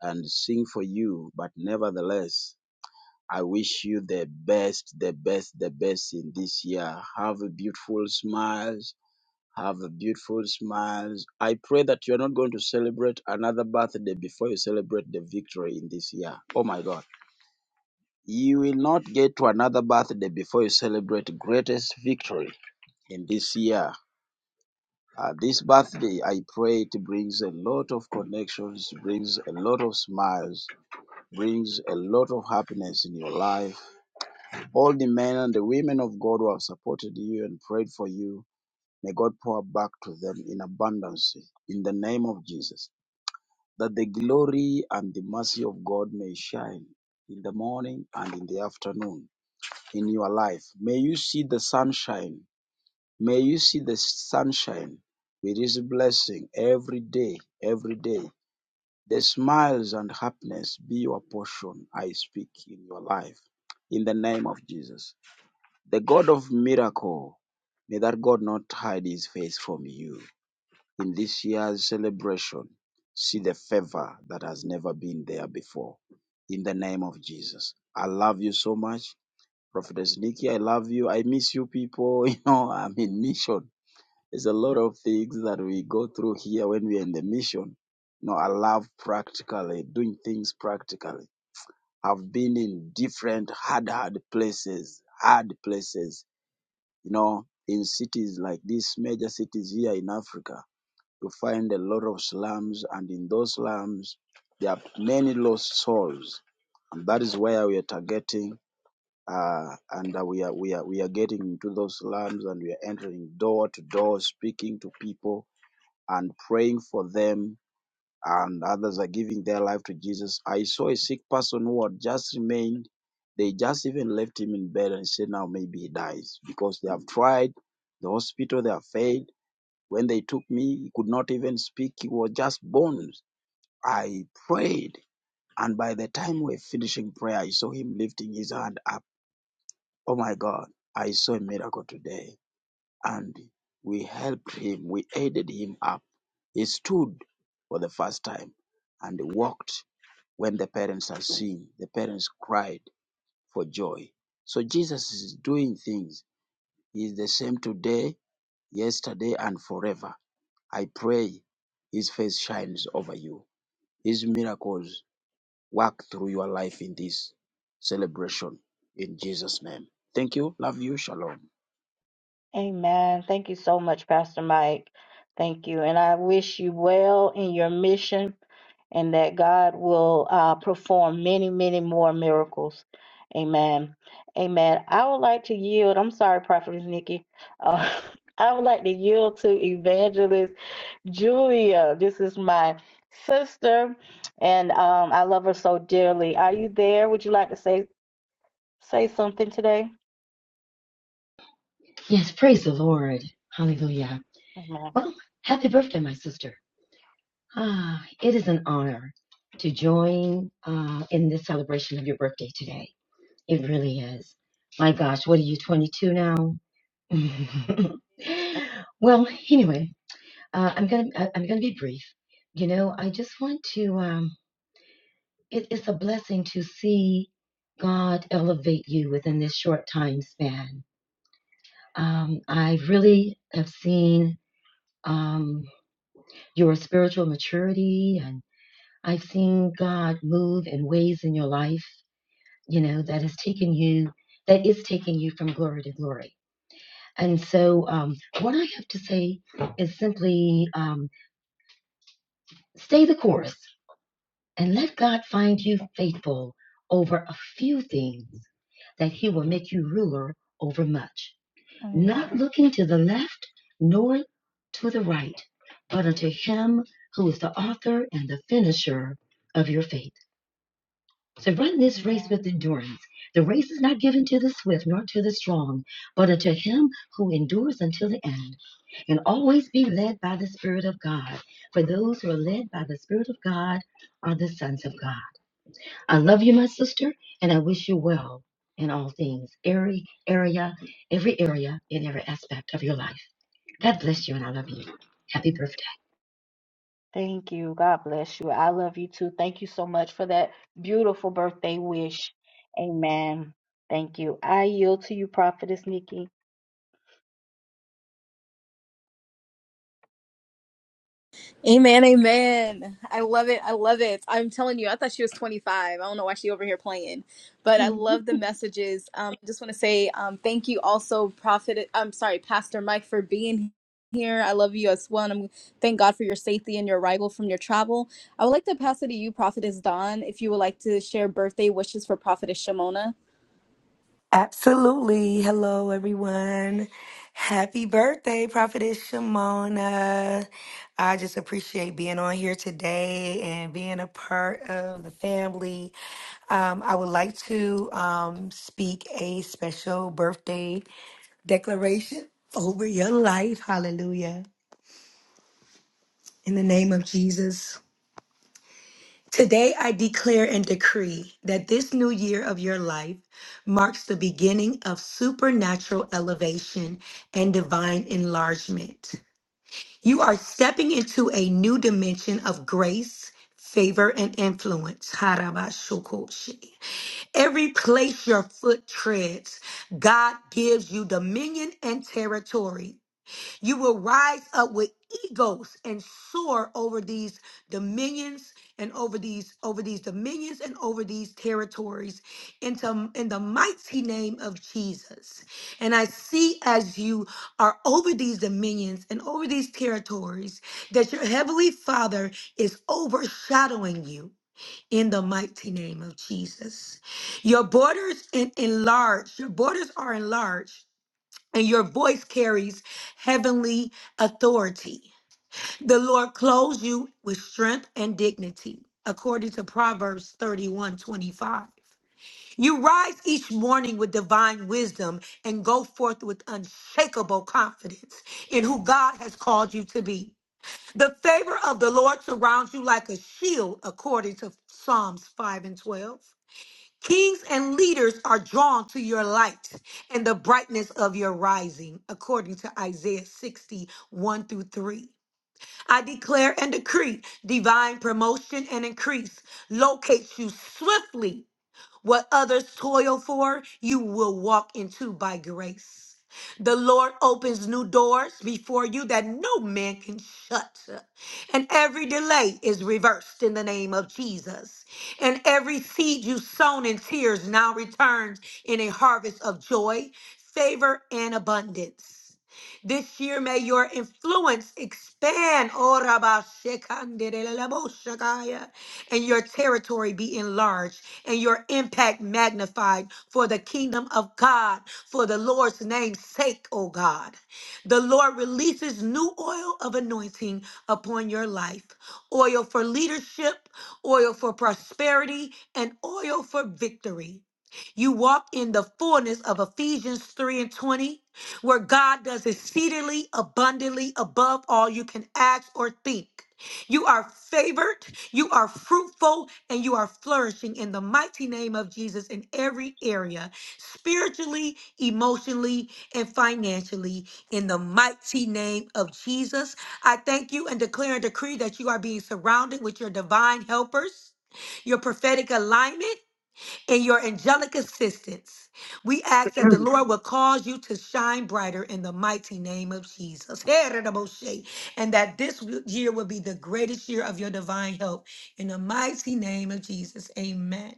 Speaker 18: and sing for you. But nevertheless, I wish you the best, the best, the best in this year. Have a beautiful smile Have a beautiful smiles. I pray that you're not going to celebrate another birthday before you celebrate the victory in this year. Oh my God. You will not get to another birthday before you celebrate greatest victory in this year. Uh, this birthday, I pray it brings a lot of connections, brings a lot of smiles, brings a lot of happiness in your life. All the men and the women of God who have supported you and prayed for you, may God pour back to them in abundance in the name of Jesus. that the glory and the mercy of God may shine in the morning and in the afternoon in your life. May you see the sunshine. May you see the sunshine with His blessing every day, every day. The smiles and happiness be your portion, I speak, in your life. In the name of Jesus. The God of miracle, may that God not hide his face from you in this year's celebration, see the favor that has never been there before. In the name of Jesus. I love you so much. Prophetess Nikki, I love you. I miss you people. You know, I'm in mission. There's a lot of things that we go through here when we're in the mission. You know, I love practically doing things practically. I've been in different hard, hard places, hard places, you know, in cities like these major cities here in Africa you find a lot of slums, and in those slums, there are many lost souls, and that is where we are targeting. Uh, and uh, we are we are we are getting into those slums, and we are entering door to door, speaking to people and praying for them. And others are giving their life to Jesus. I saw a sick person who had just remained. They just even left him in bed and said, "Now maybe he dies," because they have tried the hospital. They have failed when they took me, he could not even speak. He was just bones. I prayed. And by the time we're finishing prayer, I saw him lifting his hand up. Oh my God, I saw a miracle today. And we helped him. We aided him up. He stood for the first time and walked when the parents are seeing. The parents cried for joy. So Jesus is doing things. He is the same today, yesterday, and forever. I pray His face shines over you. His miracles work through your life in this celebration. In Jesus' name. Thank you. Love you. Shalom.
Speaker 10: Amen. Thank you so much, Pastor Mike. Thank you. And I wish you well in your mission and that God will uh, perform many, many more miracles. Amen. Amen. I would like to yield. I'm sorry, Prophetess Nikki. Uh, I would like to yield to Evangelist Julia. This is my sister, and um, I love her so dearly. Are you there? Would you like to say say something today?
Speaker 19: Yes, praise the Lord. Hallelujah.
Speaker 10: Amen.
Speaker 19: Well, happy birthday, my sister. Ah, it is an honor to join uh, in this celebration of your birthday today. It really is. My gosh, what are you, 22 now? well, anyway, uh, I'm gonna I- I'm gonna be brief. You know, I just want to. Um, it, it's a blessing to see God elevate you within this short time span. Um, I really have seen. Um, your spiritual maturity. And I've seen God move in ways in your life, you know, that has taken you, that is taking you from glory to glory. And so, um, what I have to say is simply um, stay the course and let God find you faithful over a few things that He will make you ruler over much.
Speaker 10: Amen.
Speaker 19: Not looking to the left nor to the right, but unto Him who is the author and the finisher of your faith. to run this
Speaker 10: Amen.
Speaker 19: race with endurance. The race is not given to the swift nor to the strong, but unto him who endures until the end. And always be led by the Spirit of God. For those who are led by the Spirit of God are the sons of God. I love you, my sister, and I wish you well in all things, every area, every area, in every aspect of your life. God bless you, and I love you. Happy birthday.
Speaker 10: Thank you. God bless you. I love you too. Thank you so much for that beautiful birthday wish. Amen. Thank you. I yield to you, Prophetess Nikki.
Speaker 3: Amen, amen. I love it. I love it. I'm telling you, I thought she was 25. I don't know why she over here playing, but I love the messages. Um, I just want to say um, thank you also, Prophet. I'm sorry, Pastor Mike, for being here. I love you as well. And I'm, thank God for your safety and your arrival from your travel. I would like to pass it to you, Prophetess Dawn, if you would like to share birthday wishes for Prophetess Shimona.
Speaker 20: Absolutely. Hello, everyone. Happy birthday, Prophetess Shimona. I just appreciate being on here today and being a part of the family. Um, I would like to um, speak a special birthday declaration over your life. Hallelujah. In the name of Jesus. Today, I declare and decree that this new year of your life marks the beginning of supernatural elevation and divine enlargement. You are stepping into a new dimension of grace, favor, and influence. Harabashukoshi. Every place your foot treads, God gives you dominion and territory. You will rise up with egos and soar over these dominions and over these over these dominions and over these territories into in the mighty name of Jesus. And I see as you are over these dominions and over these territories that your heavenly Father is overshadowing you. In the mighty name of Jesus. Your borders en- enlarged. Your borders are enlarged and your voice carries heavenly authority. The Lord clothes you with strength and dignity, according to Proverbs 31 25. You rise each morning with divine wisdom and go forth with unshakable confidence in who God has called you to be. The favor of the Lord surrounds you like a shield, according to Psalms 5 and 12. Kings and leaders are drawn to your light and the brightness of your rising, according to Isaiah sixty one through 3. I declare and decree divine promotion and increase locates you swiftly what others toil for, you will walk into by grace. The Lord opens new doors before you that no man can shut. And every delay is reversed in the name of Jesus. And every seed you sown in tears now returns in a harvest of joy, favor, and abundance. This year, may your influence expand, oh, Rabba Shekinah, and your territory be enlarged and your impact magnified for the kingdom of God, for the Lord's name's sake, oh God. The Lord releases new oil of anointing upon your life oil for leadership, oil for prosperity, and oil for victory. You walk in the fullness of Ephesians 3 and 20, where God does exceedingly abundantly above all you can ask or think. You are favored, you are fruitful, and you are flourishing in the mighty name of Jesus in every area, spiritually, emotionally, and financially, in the mighty name of Jesus. I thank you and declare and decree that you are being surrounded with your divine helpers, your prophetic alignment in your angelic assistance. We ask that the Lord will cause you to shine brighter in the mighty name of Jesus. Heredaboshe. And that this year will be the greatest year of your divine help in the mighty name of Jesus. Amen.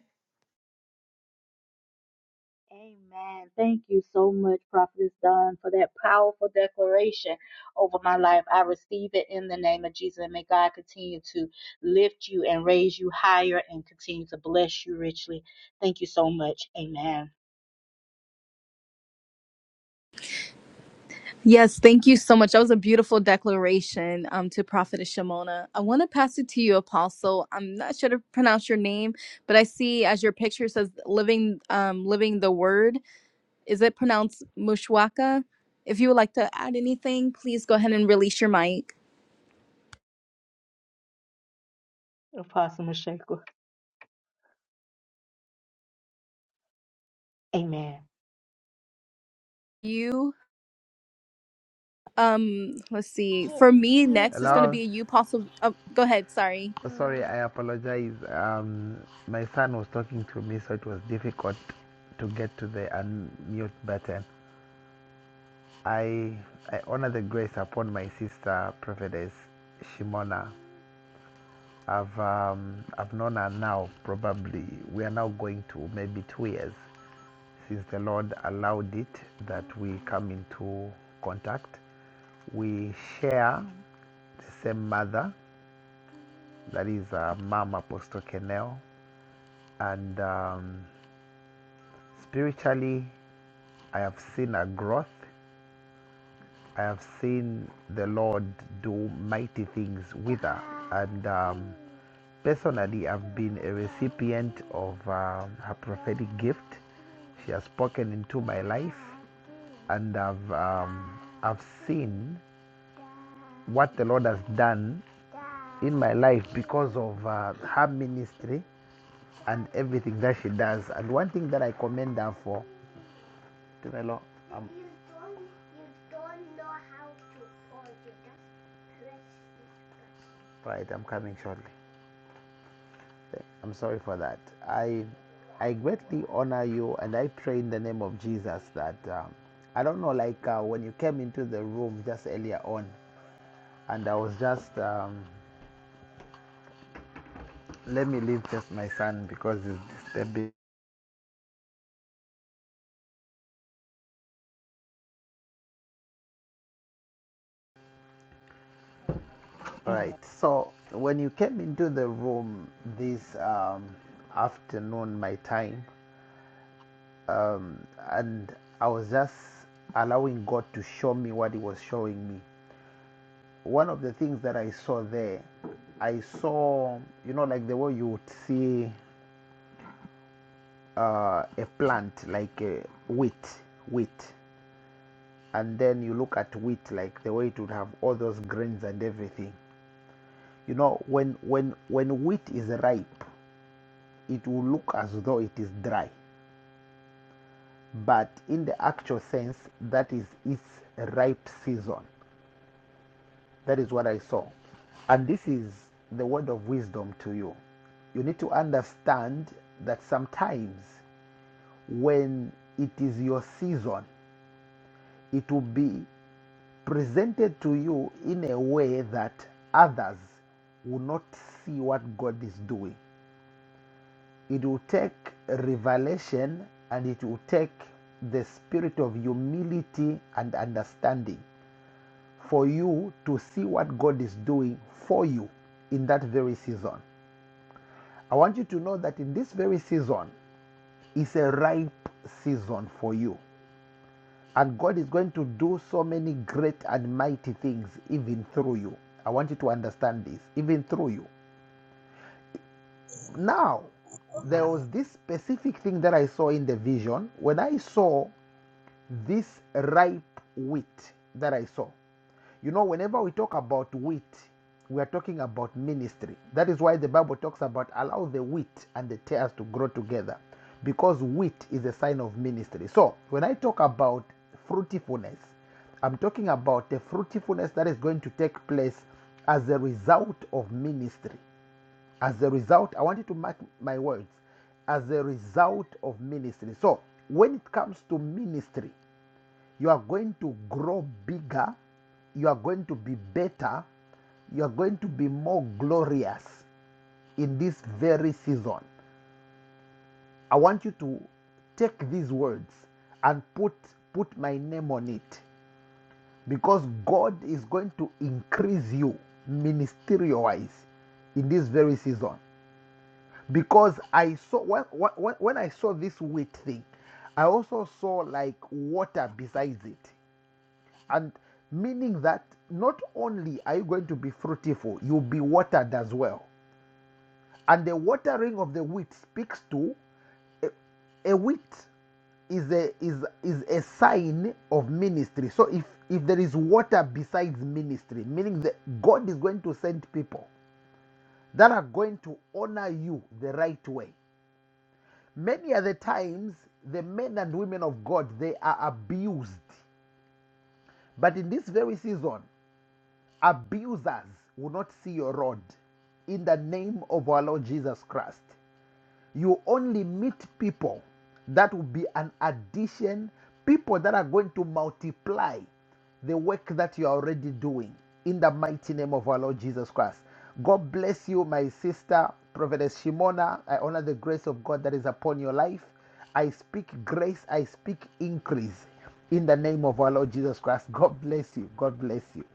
Speaker 10: Amen. Thank you so much, Prophetess Dawn, for that powerful declaration over my life. I receive it in the name of Jesus. And may God continue to lift you and raise you higher and continue to bless you richly. Thank you so much. Amen.
Speaker 3: Yes, thank you so much. That was a beautiful declaration um, to Prophet Shimona. I want to pass it to you, Apostle. I'm not sure to pronounce your name, but I see as your picture says "living, um, living the word." Is it pronounced Mushwaka? If you would like to add anything, please go ahead and release your mic.
Speaker 10: Apostle Mashaka. Amen.
Speaker 3: You, um, let's see. For me, next is going to
Speaker 21: Hello.
Speaker 3: be you, Apostle. Oh, go ahead. Sorry.
Speaker 21: Oh, sorry, I apologize. Um, my son was talking to me, so it was difficult to get to the unmute button. I I honor the grace upon my sister, Prophetess Shimona. I've um, I've known her now. Probably we are now going to maybe two years since the Lord allowed it that we come into contact. We share the same mother, that is uh, Mom Apostle Kenel. and um, spiritually i have seen a growth i have seen the lord do mighty things with her and um, personally i've been a recipient of um, her prophetic gift she has spoken into my life and i've um, i've seen what the lord has done in my life because of uh, her ministry and everything that she does and one thing that i commend her for Did I Um, right, I'm coming shortly. I'm sorry for that. I, I greatly honor you, and I pray in the name of Jesus that um, I don't know, like uh, when you came into the room just earlier on, and I was just um, let me leave just my son because he's disturbing.
Speaker 10: Amen.
Speaker 21: All
Speaker 10: Amen.
Speaker 21: right. So when you came into the room this um, afternoon, my time, um, and I was just allowing God to show me what He was showing me. One of the things that I saw there, I saw, you know, like the way you would see uh, a plant, like uh, wheat, wheat, and then you look at wheat, like the way it would have all those grains and everything. You know, when when when wheat is ripe, it will look as though it is dry, but in the actual sense, that is its ripe season That is what I saw. And this is the word of wisdom to you. You need to understand that sometimes when it is your season, it will be presented to you in a way that others will not see what God is doing. It will take revelation and it will take the spirit of humility and understanding for you to see what God is doing for you in that very season. I want you to know that in this very season is a ripe season for you. And God is going to do so many great and mighty things even through you. I want you to understand this, even through you. Now, there was this specific thing that I saw in the vision. When I saw this ripe wheat that I saw. You know, whenever we talk about wheat, we are talking about ministry. That is why the Bible talks about allow the wheat and the tares to grow together because wheat is a sign of ministry. So, when I talk about fruitfulness, I'm talking about the fruitfulness that is going to take place as a result of ministry. As a result, I wanted to mark my words as a result of ministry. So, when it comes to ministry, you are going to grow bigger. You are going to be better. You are going to be more glorious in this very season. I want you to take these words and put put my name on it because God is going to increase you ministerial wise in this very season. Because I saw when, when, when I saw this wheat thing, I also saw like water besides it. and meaning that not only are you going to be fruitful you'll be watered as well and the watering of the wheat speaks to a, a wheat is a is is a sign of ministry so if if there is water besides ministry meaning that god is going to send people that are going to honor you the right way many other times the men and women of god they are abused but in this very season Abusers will not see your rod in the name of our Lord Jesus Christ. You only meet people that will be an addition, people that are going to multiply the work that you are already doing in the mighty name of our Lord Jesus Christ. God bless you, my sister, Prophetess Shimona. I honor the grace of God that is upon your life. I speak grace, I speak increase in the name of our Lord Jesus Christ. God bless you. God bless you.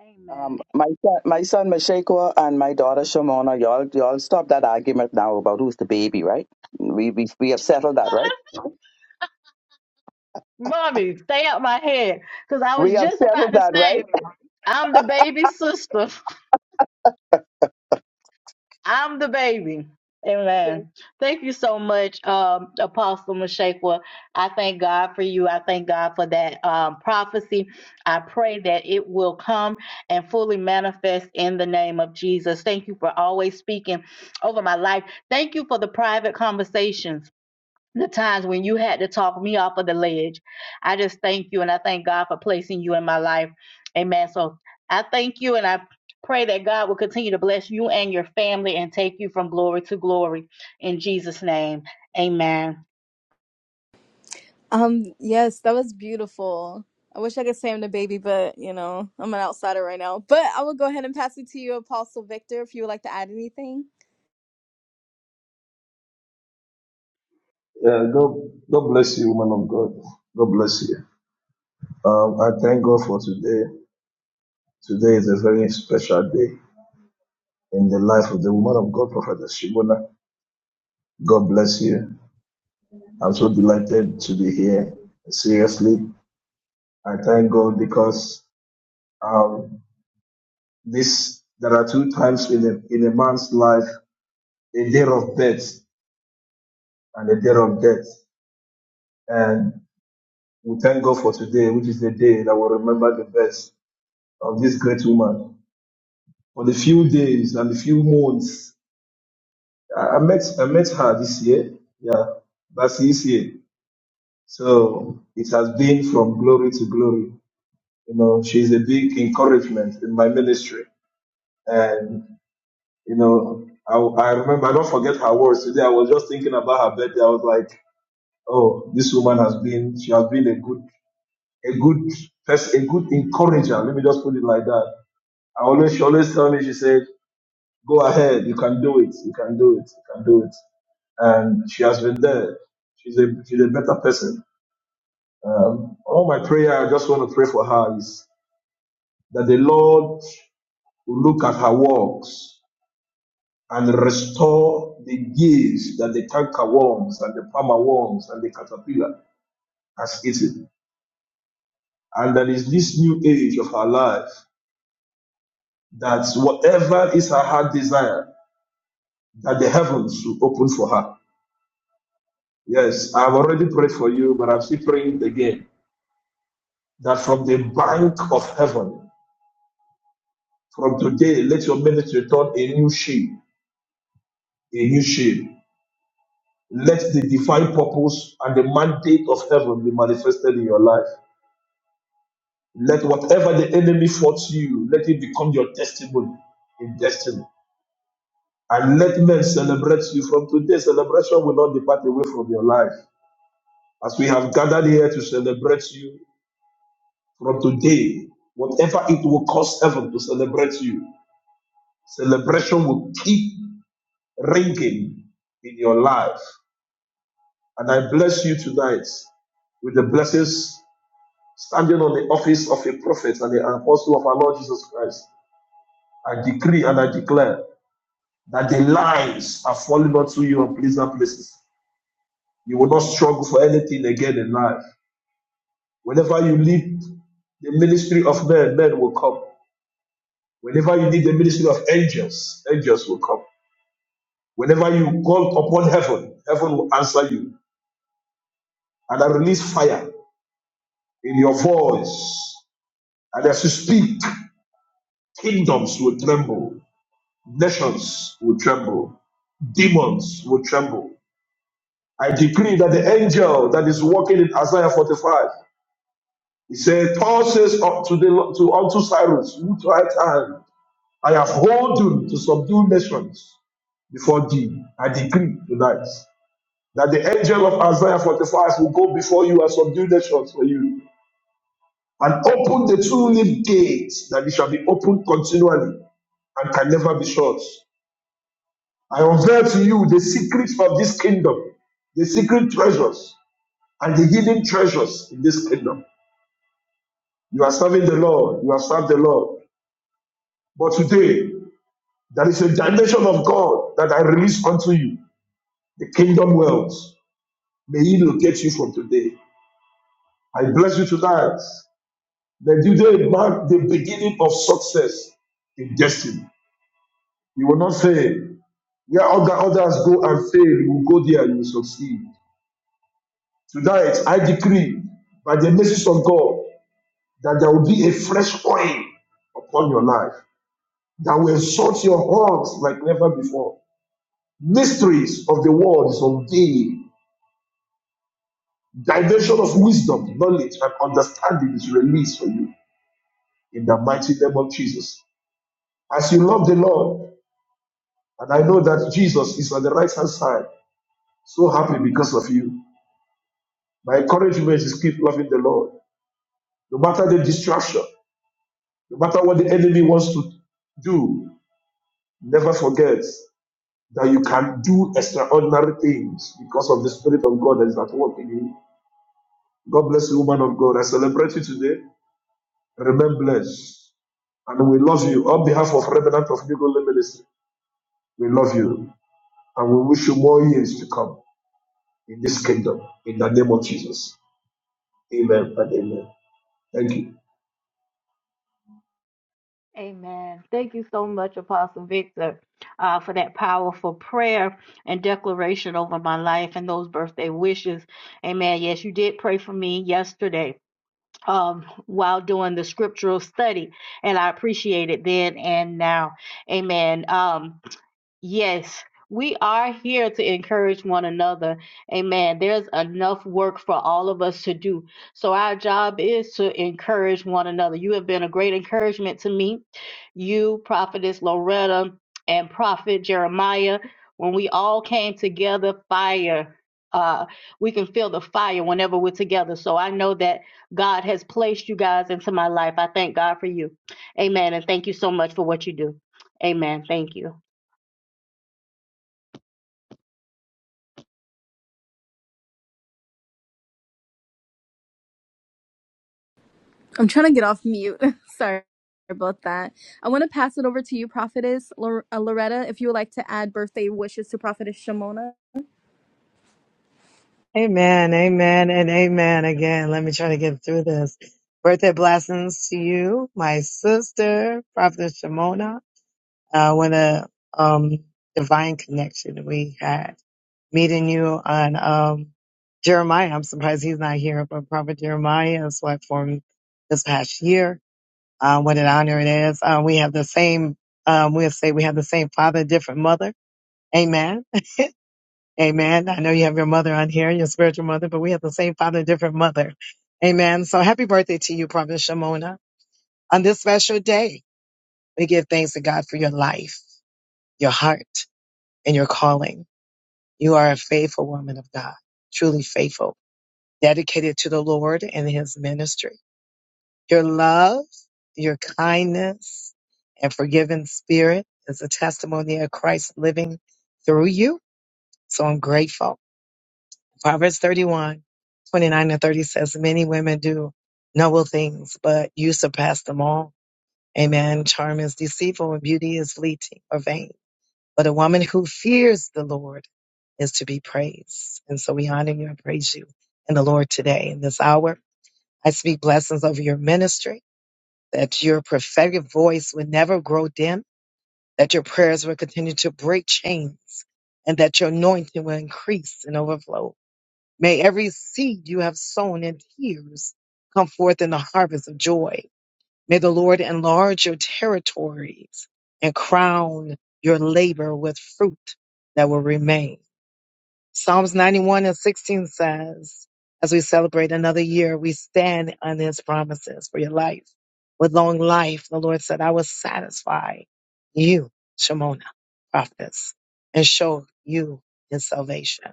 Speaker 10: Amen.
Speaker 11: Um, my son, my son Mashekwa and my daughter Shamona, y'all, y'all stop that argument now about who's the baby, right? We, we, we have settled that, right?
Speaker 10: Mommy, stay out my head. Because I
Speaker 11: We
Speaker 10: was
Speaker 11: have
Speaker 10: just
Speaker 11: settled
Speaker 10: about to
Speaker 11: that, right?
Speaker 10: say, I'm the baby sister. I'm the baby. Amen. Thank you so much, um, Apostle Mashaqua. I thank God for you. I thank God for that um, prophecy. I pray that it will come and fully manifest in the name of Jesus. Thank you for always speaking over my life. Thank you for the private conversations the times when you had to talk me off of the ledge. I just thank you and I thank God for placing you in my life. Amen. So I thank you and I pray that God will continue to bless you and your family and take you from glory to glory in Jesus' name. Amen.
Speaker 3: Um, yes, that was beautiful. I wish I could say I'm the baby, but you know, I'm an outsider right now. But I will go ahead and pass it to you, Apostle Victor, if you would like to add anything.
Speaker 22: Yeah, God, God bless you, woman of God. God bless you. Um, I thank God for today. Today is a very special day in the life of the woman of God, Prophet Shibona. God bless you. I'm so delighted to be here. Seriously, I thank God because um, this there are two times in a in a man's life: a day of birth and a day of death. And we thank God for today, which is the day that will remember the best of this great woman. for the few days and the few months. I, I met I met her this year, yeah, that's this year. So it has been from glory to glory. You know, she's a big encouragement in my ministry, and you know, I, I remember I don't forget her words today. I was just thinking about her birthday. I was like, oh, this woman has been she has been a good a good person, a good encourager. Let me just put it like that. I always she always tell me she said. Go ahead. You can do it. You can do it. You can do it. And she has been there. She's a she's a better person. Um, all my prayer, I just want to pray for her is that the Lord will look at her works and restore the gifts that the canker worms and the palmer worms and the caterpillar has eaten. And that is this new age of her life that whatever is her heart desire, that the heavens will open for her. Yes, I've already prayed for you, but I'm still praying again that from the bank of heaven, from today, let your ministry turn a new shape, a new shape. Let the divine purpose and the mandate of heaven be manifested in your life. Let whatever the enemy fought you, let it become your testimony in destiny. And let men celebrate you from today. Celebration will not depart away from your life. As we have gathered here to celebrate you from today, whatever it will cost heaven to celebrate you, celebration will keep ringing in your life. And I bless you tonight with the blessings standing on the office of a prophet and the apostle of our Lord Jesus Christ. I decree and I declare that the lines are falling onto you in pleasant places. You will not struggle for anything again in life. Whenever you leave the ministry of men, men will come. Whenever you leave the ministry of angels, angels will come. Whenever you call upon heaven, heaven will answer you. And I release fire in your voice. And as you speak, kingdoms will tremble, nations will tremble, demons will tremble. I decree that the angel that is walking in Isaiah 45, he said, Paul says up to the to unto Cyrus, with right hand, I have hold you to subdue nations before thee. I decree tonight that the angel of Isaiah 45 will go before you and subdue nations for you and open the two-leaf gates that it shall be opened continually and can never be shut. I unveil to you the secrets of this kingdom, the secret treasures and the hidden treasures in this kingdom. You are serving the Lord, you have served the Lord. But today, there is a dimension of God that I release unto you, the kingdom wealth. May He locate you from today. I bless you tonight. May today mark the beginning of success in destiny. You will not fail. Where other others go and fail, you will go there and you will succeed. Tonight, I decree by the message of God. that there will be a fresh oil upon your life that will exalt your heart like never before. Mysteries of the world is unveiled. Dimension of wisdom, knowledge, and understanding is released for you in the mighty name of Jesus. As you love the Lord, and I know that Jesus is on the right hand side, so happy because of you. My encouragement is keep loving the Lord. No matter the distraction, no matter what the enemy wants to do, never forget that you can do extraordinary things because of the Spirit of God that is at work in you. God bless you, woman of God. I celebrate you today. Remain blessed. And we love you. On behalf of Remnant of Legal Ministry, we love you. And we wish you more years to come in this kingdom. In the name of Jesus. Amen and amen. Thank you.
Speaker 10: Amen. Thank you so much, Apostle Victor, uh, for that powerful prayer and declaration over my life and those birthday wishes. Amen. Yes, you did pray for me yesterday. um, while doing the scriptural study. And I appreciate it then and now. Amen. Um, Yes, we are here to encourage one another. Amen. There's enough work for all of us to do. So, our job is to encourage one another. You have been a great encouragement to me. You, Prophetess Loretta, and Prophet Jeremiah, when we all came together, fire. Uh, we can feel the fire whenever we're together. So I know that God has placed you guys into my life. I thank God for you. Amen. And thank you so much for what you do. Amen. Thank you.
Speaker 3: I'm trying to get off mute. Sorry about that. I want to pass it over to you, Prophetess Lor- uh, Loretta, if you would like to add birthday wishes to Prophetess Shimona.
Speaker 23: Amen, amen, and amen again. Let me try to get through this. Birthday blessings to you, my sister, Prophet Shimona. Uh, what a um, divine connection we had meeting you on um, Jeremiah. I'm surprised he's not here, but Prophet Jeremiah is what formed this past year. Uh, what an honor it is. Uh, we have the same, um, we'll say we have the same father, different mother. Amen. Amen. I know you have your mother on here, your spiritual mother, but we have the same father, different mother. Amen. So happy birthday to you, Prophet Shimona. On this special day, we give thanks to God for your life, your heart, and your calling. You are a faithful woman of God, truly faithful, dedicated to the Lord and his ministry. Your love, your kindness, and forgiving spirit is a testimony of Christ living through you. So I'm grateful. Proverbs 31, 29 and 30 says, Many women do noble things, but you surpass them all. Amen. Charm is deceitful and beauty is fleeting or vain. But a woman who fears the Lord is to be praised. And so we honor you and praise you in the Lord today in this hour. I speak blessings over your ministry, that your prophetic voice would never grow dim, that your prayers will continue to break chains, and that your anointing will increase and overflow. May every seed you have sown in tears come forth in the harvest of joy. May the Lord enlarge your territories and crown your labor with fruit that will remain. Psalms 91 and 16 says, as we celebrate another year, we stand on his promises for your life. With long life, the Lord said, I will satisfy you, Shemona, prophetess, and show you his salvation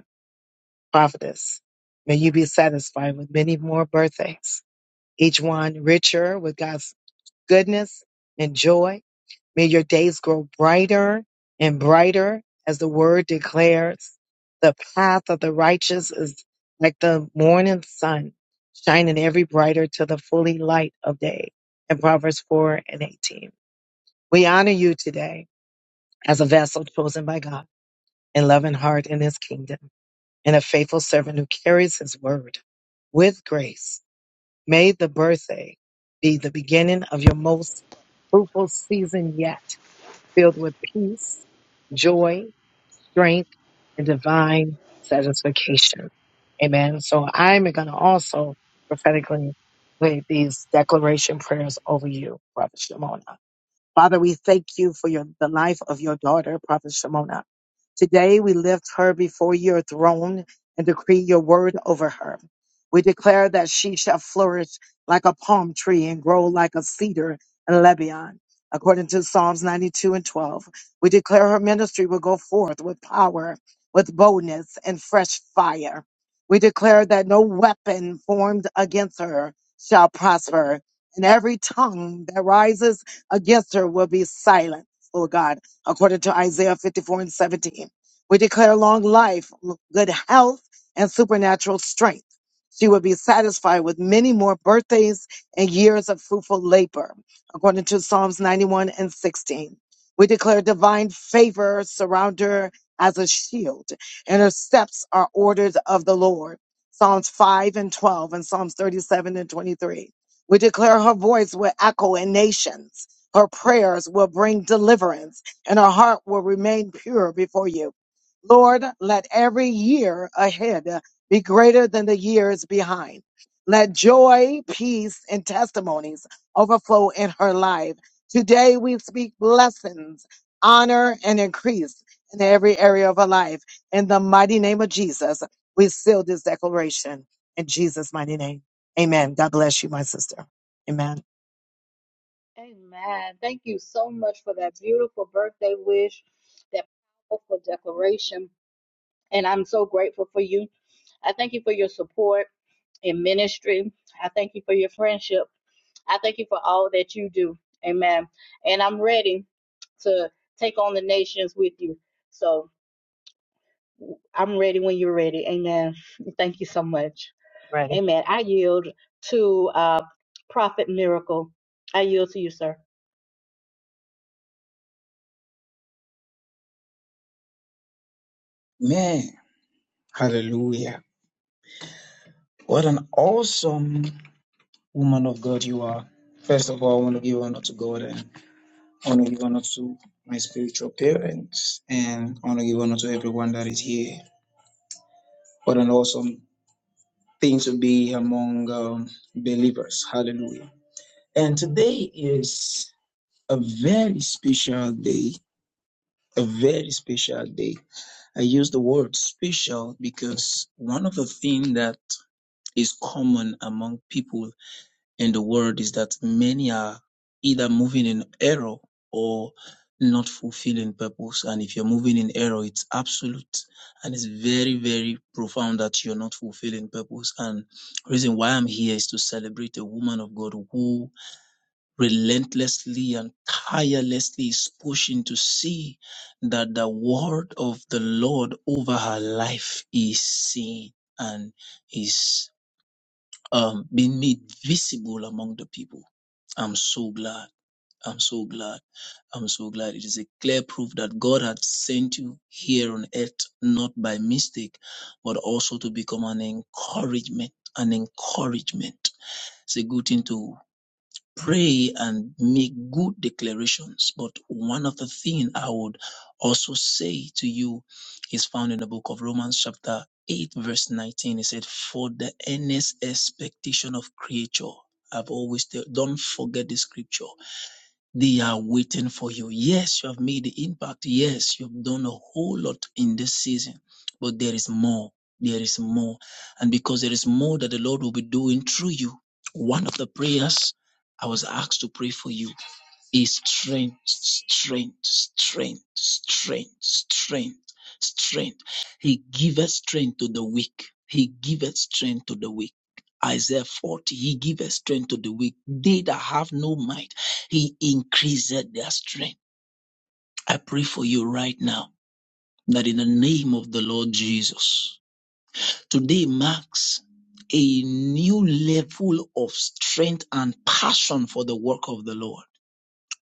Speaker 23: prophetess. May you be satisfied with many more birthdays, each one richer with God's goodness and joy. May your days grow brighter and brighter as the word declares. The path of the righteous is like the morning sun, shining every brighter to the fully light of day. In Proverbs 4 and 18. We honor you today as a vessel chosen by God and loving heart in his kingdom and a faithful servant who carries his word with grace. May the birthday be the beginning of your most fruitful season yet, filled with peace, joy, strength, and divine satisfaction. Amen. So I'm going to also prophetically play these declaration prayers over you, Brother Shimona. Father, we thank you for your, the life of your daughter, Prophet Shimona. Today we lift her before your throne and decree your word over her. We declare that she shall flourish like a palm tree and grow like a cedar in Lebanon. According to Psalms 92 and 12, we declare her ministry will go forth with power, with boldness, and fresh fire. We declare that no weapon formed against her shall prosper, and every tongue that rises against her will be silent, Lord God, according to Isaiah 54 and 17. We declare long life, good health, and supernatural strength. She will be satisfied with many more birthdays and years of fruitful labor, according to Psalms 91 and 16. We declare divine favor surround her as a shield, and her steps are ordered of the Lord. Psalms 5 and 12 and Psalms 37 and 23. We declare her voice will echo in nations. Her prayers will bring deliverance and her heart will remain pure before you. Lord, let every year ahead be greater than the years behind. Let joy, peace, and testimonies overflow in her life. Today we speak blessings, honor, and increase in every area of her life. In the mighty name of Jesus, we seal this declaration in Jesus' mighty name. Amen. God bless you, my sister. Amen.
Speaker 10: Amen. Thank you so much for that beautiful birthday wish, that powerful declaration. And I'm so grateful for you. I thank you for your support in ministry. I thank you for your friendship. I thank you for all that you do. Amen. And I'm ready to take on the nations with you. So I'm ready when you're ready. Amen. Thank you so much.
Speaker 23: Ready.
Speaker 10: Amen. I yield to uh, Prophet Miracle. I yield to you, sir.
Speaker 24: Man, hallelujah. What an awesome woman of God you are. First of all, I want to give honor to God and I want to give honor to my spiritual parents and I want to give honor to everyone that is here. What an awesome thing to be among um, believers. Hallelujah. And today is a very special day. A very special day. I use the word special because one of the things that is common among people in the world is that many are either moving in error or not fulfilling purpose. And if you're moving in error, it's absolute and it's very, very profound that you're not fulfilling purpose. And the reason why I'm here is to celebrate a woman of God who relentlessly and tirelessly is pushing to see that the word of the Lord over her life is seen and is um, being made visible among the people. I'm so glad. I'm so glad. I'm so glad. It is a clear proof that God had sent you here on earth, not by mistake, but also to become an encouragement. An encouragement. It's a good thing to pray and make good declarations. But one of the things I would also say to you is found in the book of Romans, chapter 8, verse 19. It said, For the earnest expectation of creature. I've always tell, don't forget the scripture they are waiting for you. Yes, you have made the impact. Yes, you've done a whole lot in this season, but there is more. There is more. And because there is more that the Lord will be doing through you, one of the prayers I was asked to pray for you is strength, strength, strength, strength, strength, strength. He giveth strength to the weak. He giveth strength to the weak. Isaiah 40, he giveth strength to the weak. They that have no might, he increaseth their strength. I pray for you right now that in the name of the Lord Jesus, today marks a new level of strength and passion for the work of the Lord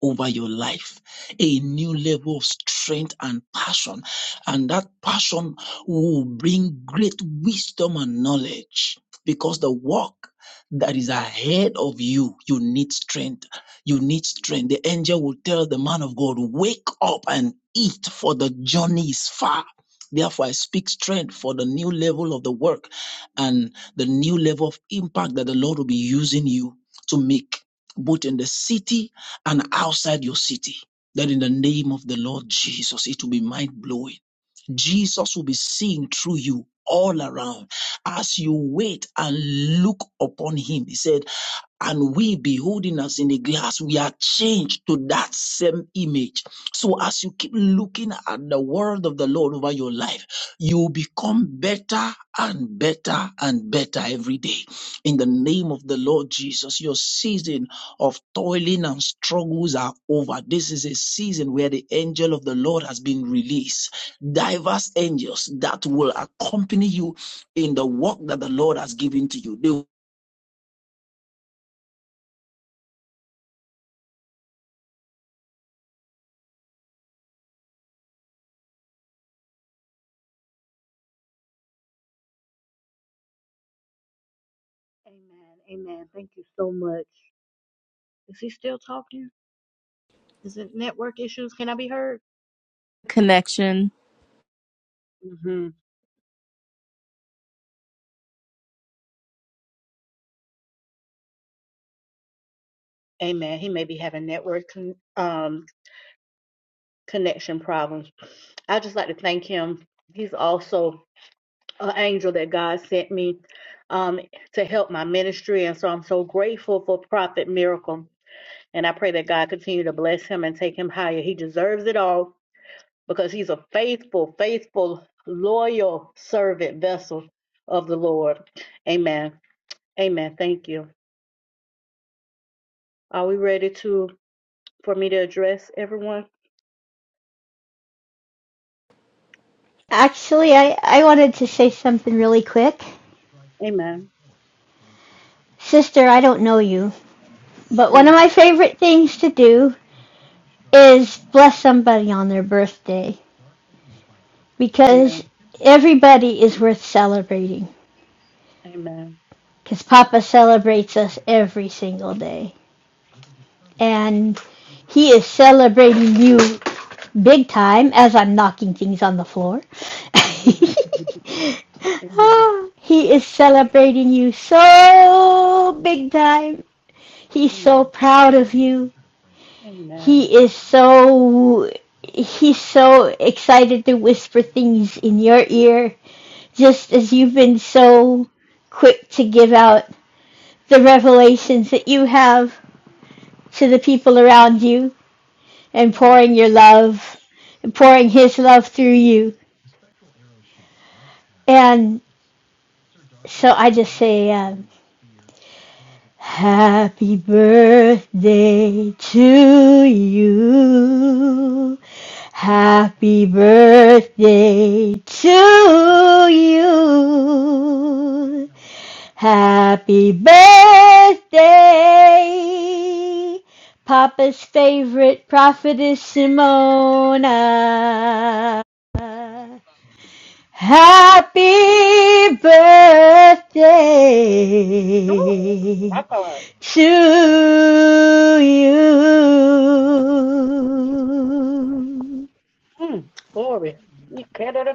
Speaker 24: over your life a new level of strength and passion and that passion will bring great wisdom and knowledge because the work that is ahead of you you need strength you need strength the angel will tell the man of god wake up and eat for the journey is far Therefore, I speak strength for the new level of the work and the new level of impact that the Lord will be using you to make, both in the city and outside your city. That in the name of the Lord Jesus, it will be mind blowing. Jesus will be seen through you all around as you wait and look upon him. He said, and we beholding us in a glass, we are changed to that same image. So as you keep looking at the word of the Lord over your life, you become better and better and better every day. In the name of the Lord Jesus, your season of toiling and struggles are over. This is a season where the angel of the Lord has been released. Diverse angels that will accompany you in the work that the Lord has given to you. They.
Speaker 10: Amen. Amen. Thank you so much. Is he still talking? Is it network issues? Can I be heard?
Speaker 3: Connection.
Speaker 10: hmm Amen. He may be having network con- um, connection problems. I just like to thank him. He's also an angel that God sent me um, to help my ministry, and so I'm so grateful for Prophet Miracle. And I pray that God continue to bless him and take him higher. He deserves it all. because he's a faithful, faithful, loyal servant vessel of the Lord. Amen. Amen. Thank you. Are we ready to for me to address everyone?
Speaker 25: Actually, I, I wanted to say something really quick.
Speaker 10: Amen.
Speaker 25: Sister, I don't know you, but one of
Speaker 10: Amen.
Speaker 25: my favorite things to do is bless somebody on their birthday because
Speaker 10: Amen.
Speaker 25: everybody is worth celebrating
Speaker 10: Amen.
Speaker 25: because Papa celebrates us every single day. And he is celebrating you big time as I'm knocking things on the floor.
Speaker 10: Amen.
Speaker 25: he is celebrating you so big time He's so
Speaker 10: Amen.
Speaker 25: proud of you.
Speaker 10: Amen.
Speaker 25: He is so he's so excited to whisper things in your ear just as you've been so quick to give out the revelations that you have to the people around you and
Speaker 10: Amen.
Speaker 25: pouring your love, pouring his love through you. And so I just say um, Happy birthday to you.
Speaker 10: Ooh,
Speaker 25: Happy birthday to you. Happy birthday, Papa's favorite prophetess Simona. Happy birthday
Speaker 10: my God.
Speaker 25: to you
Speaker 10: Mm, glory. You can't- da- da-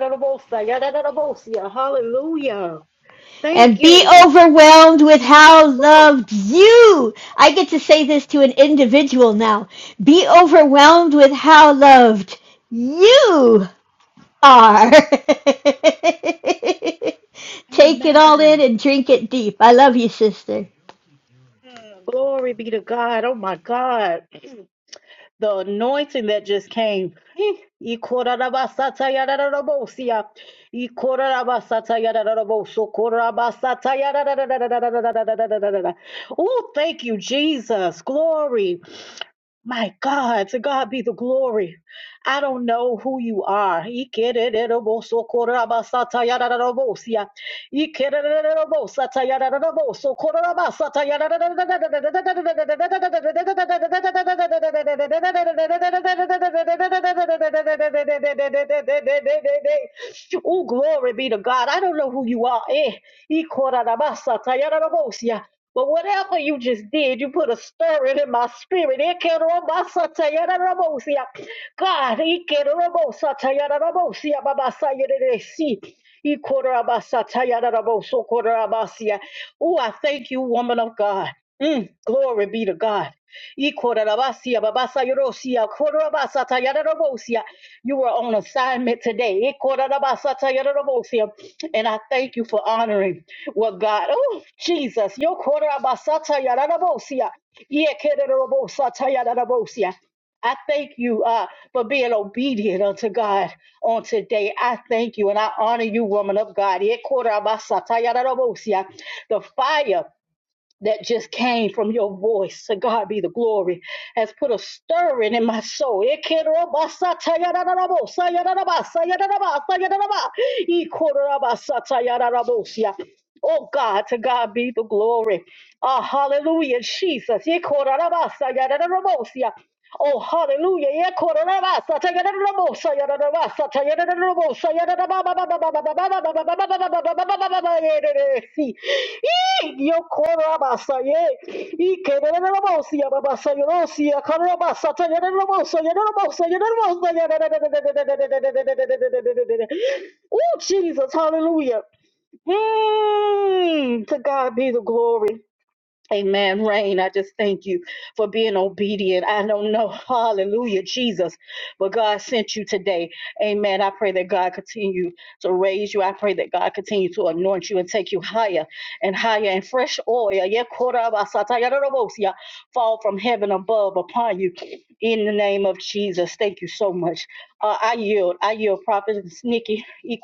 Speaker 10: Hallelujah. Thank
Speaker 25: and be
Speaker 10: you.
Speaker 25: overwhelmed with how
Speaker 10: Woo.
Speaker 25: loved you. I get to say this to an individual now. Be overwhelmed with how loved you are. Take it all
Speaker 10: Amen.
Speaker 25: in and drink it deep. I love you, sister.
Speaker 10: Glory be to God. Oh my God, the anointing that just came. Oh, thank you, Jesus. Glory, my God. To God be the glory. I don't know who you are. Oh glory be to God! I don't know who you are. Eh. But whatever you just did, you put a stir in in my spirit. God, Ikerabo Satayarabo Siababasayaderesi. Ikorabasatarabosokorobasia. Oh, I thank you, woman of God. Mm, glory be to God. Ikorabasia, babasayarosia, korabasatayarabosia. You were on assignment today. Ikorabasatayarabosia. And I thank you for honoring what God, oh, Jesus. Yokorabasatayarabosia. Yekererobosatayarabosia. I thank you uh, for being obedient unto God on today. I thank you and I honor you, woman of God. The fire that just came from your voice, to God be the glory, has put a stirring in my soul. Oh God, to God be the glory. Ah, hallelujah, Jesus. Oh, hallelujah. Yeah, Kororabasa, Tayanabosa, Yanabasa, Tayanabosa, Yanababa, Yo Korabasa, ye, Ekanabasa, Yabasa, Yorosia, Korabasa, Tayanabosa, Yanabosa, Yanabosa, Oh, Jesus, hallelujah. Mm, to God be the glory. Amen. Rain, I just thank you for being obedient. I don't know. Hallelujah, Jesus. But God sent you today. Amen. I pray that God continue to raise you. I pray that God continue to anoint you and take you higher and higher and fresh oil. yeah, korabasatayarorobosia, Fall from heaven above upon you in the name of Jesus. Thank you so much. Uh, I yield. I yield, Prophet Nikki. Thank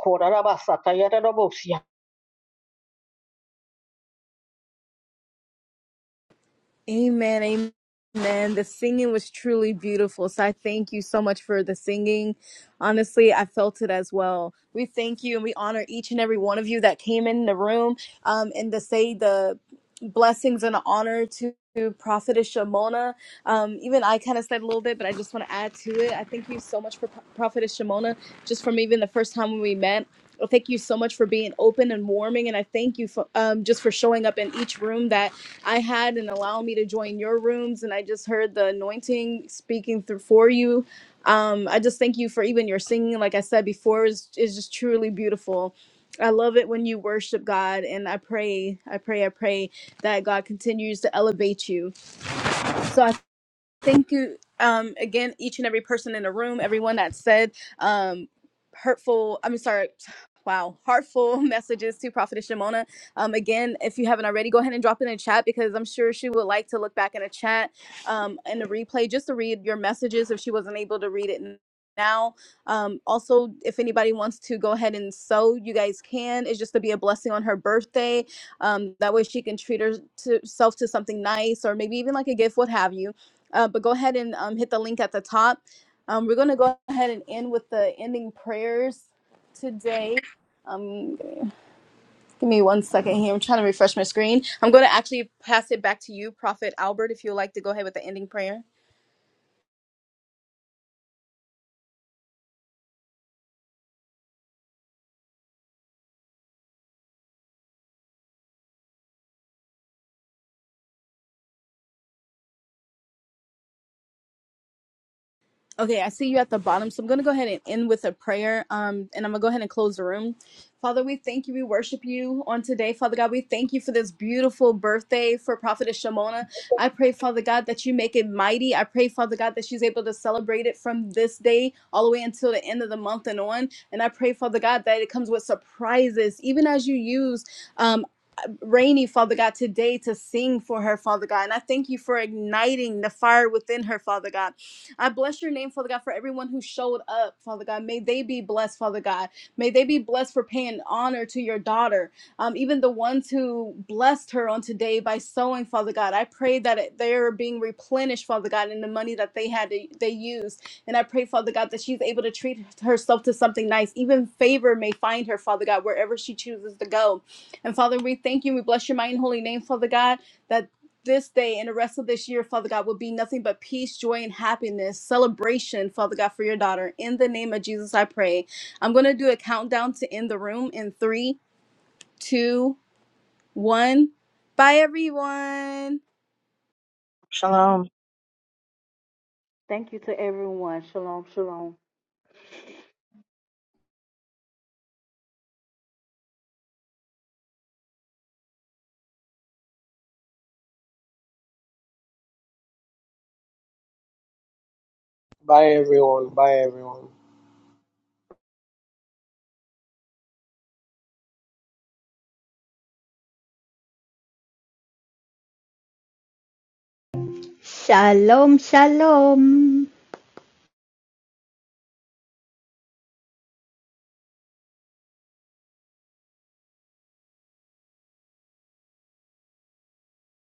Speaker 3: Amen. Amen. Man, The singing was truly beautiful. So I thank you so much for the singing. Honestly, I felt it as well. We thank you and we honor each and every one of you that came in the room um, and to say the blessings and honor to. Prophetess Shimona. Um, even I kind of said a little bit, but I just want to add to it. I thank you so much for Pro- Prophetess Shimona, just from even the first time when we met. Well, thank you so much for being open and warming, and I thank you for um, just for showing up in each room that I had and allow me to join your rooms. And I just heard the anointing speaking through for you. Um, I just thank you for even your singing. Like I said before, is is just truly beautiful. I love it when you worship God, and I pray, I pray, I pray that God continues to elevate you. So I Thank you um, again, each and every person in the room, everyone that said um, hurtful, I'm sorry, wow, heartful messages to Prophetess Shimona. Um, again, if you haven't already, go ahead and drop it in the chat because I'm sure she would like to look back in the chat um, in the replay just to read your messages if she wasn't able to read it n- now. Um, also, if anybody wants to go ahead and sew, you guys can. It's just to be a blessing on her birthday. Um, that way she can treat herself to something nice or maybe even like a gift, what have you uh, but go ahead and um, hit the link at the top. Um, we're going to go ahead and end with the ending prayers today. Um, give me one second here. I'm trying to refresh my screen. I'm going to actually pass it back to you, Prophet Albert, if you'd like to go ahead with the ending prayer. Okay, I see you at the bottom. So I'm going to go ahead and end with a prayer. Um, and I'm going to go ahead and close the room. Father, we thank you. We worship you on today. Father God, we thank you for this beautiful birthday for Prophetess Shimona. I pray, Father God, that you make it mighty. I pray, Father God, that she's able to celebrate it from this day all the way until the end of the month and on. And I pray, Father God, that it comes with surprises, even as you use um, Rainy, Father God, today to sing for her, Father God. And I thank you for igniting the fire within her, Father God. I bless your name, Father God, for everyone who showed up, Father God. May they be blessed, Father God. May they be blessed for paying honor to your daughter. Um, even the ones who blessed her on today by sowing, Father God. I pray that it- they're being replenished, Father God, in the money that they had to, they used. And I pray, Father God, that she's able to treat herself to something nice. Even favor may find her, Father God, wherever she chooses to go. And Father, we thank you. We bless your mighty and holy name, Father God, that this day and the rest of this year, Father God, will be nothing but peace, joy, and happiness, celebration, Father God, for your daughter. In the name of Jesus, I pray. I'm going to do a countdown to end the room in three, two, one. Bye, everyone.
Speaker 23: Shalom.
Speaker 10: you to everyone. Shalom, shalom.
Speaker 5: Bye everyone. Bye everyone.
Speaker 25: Shalom, shalom.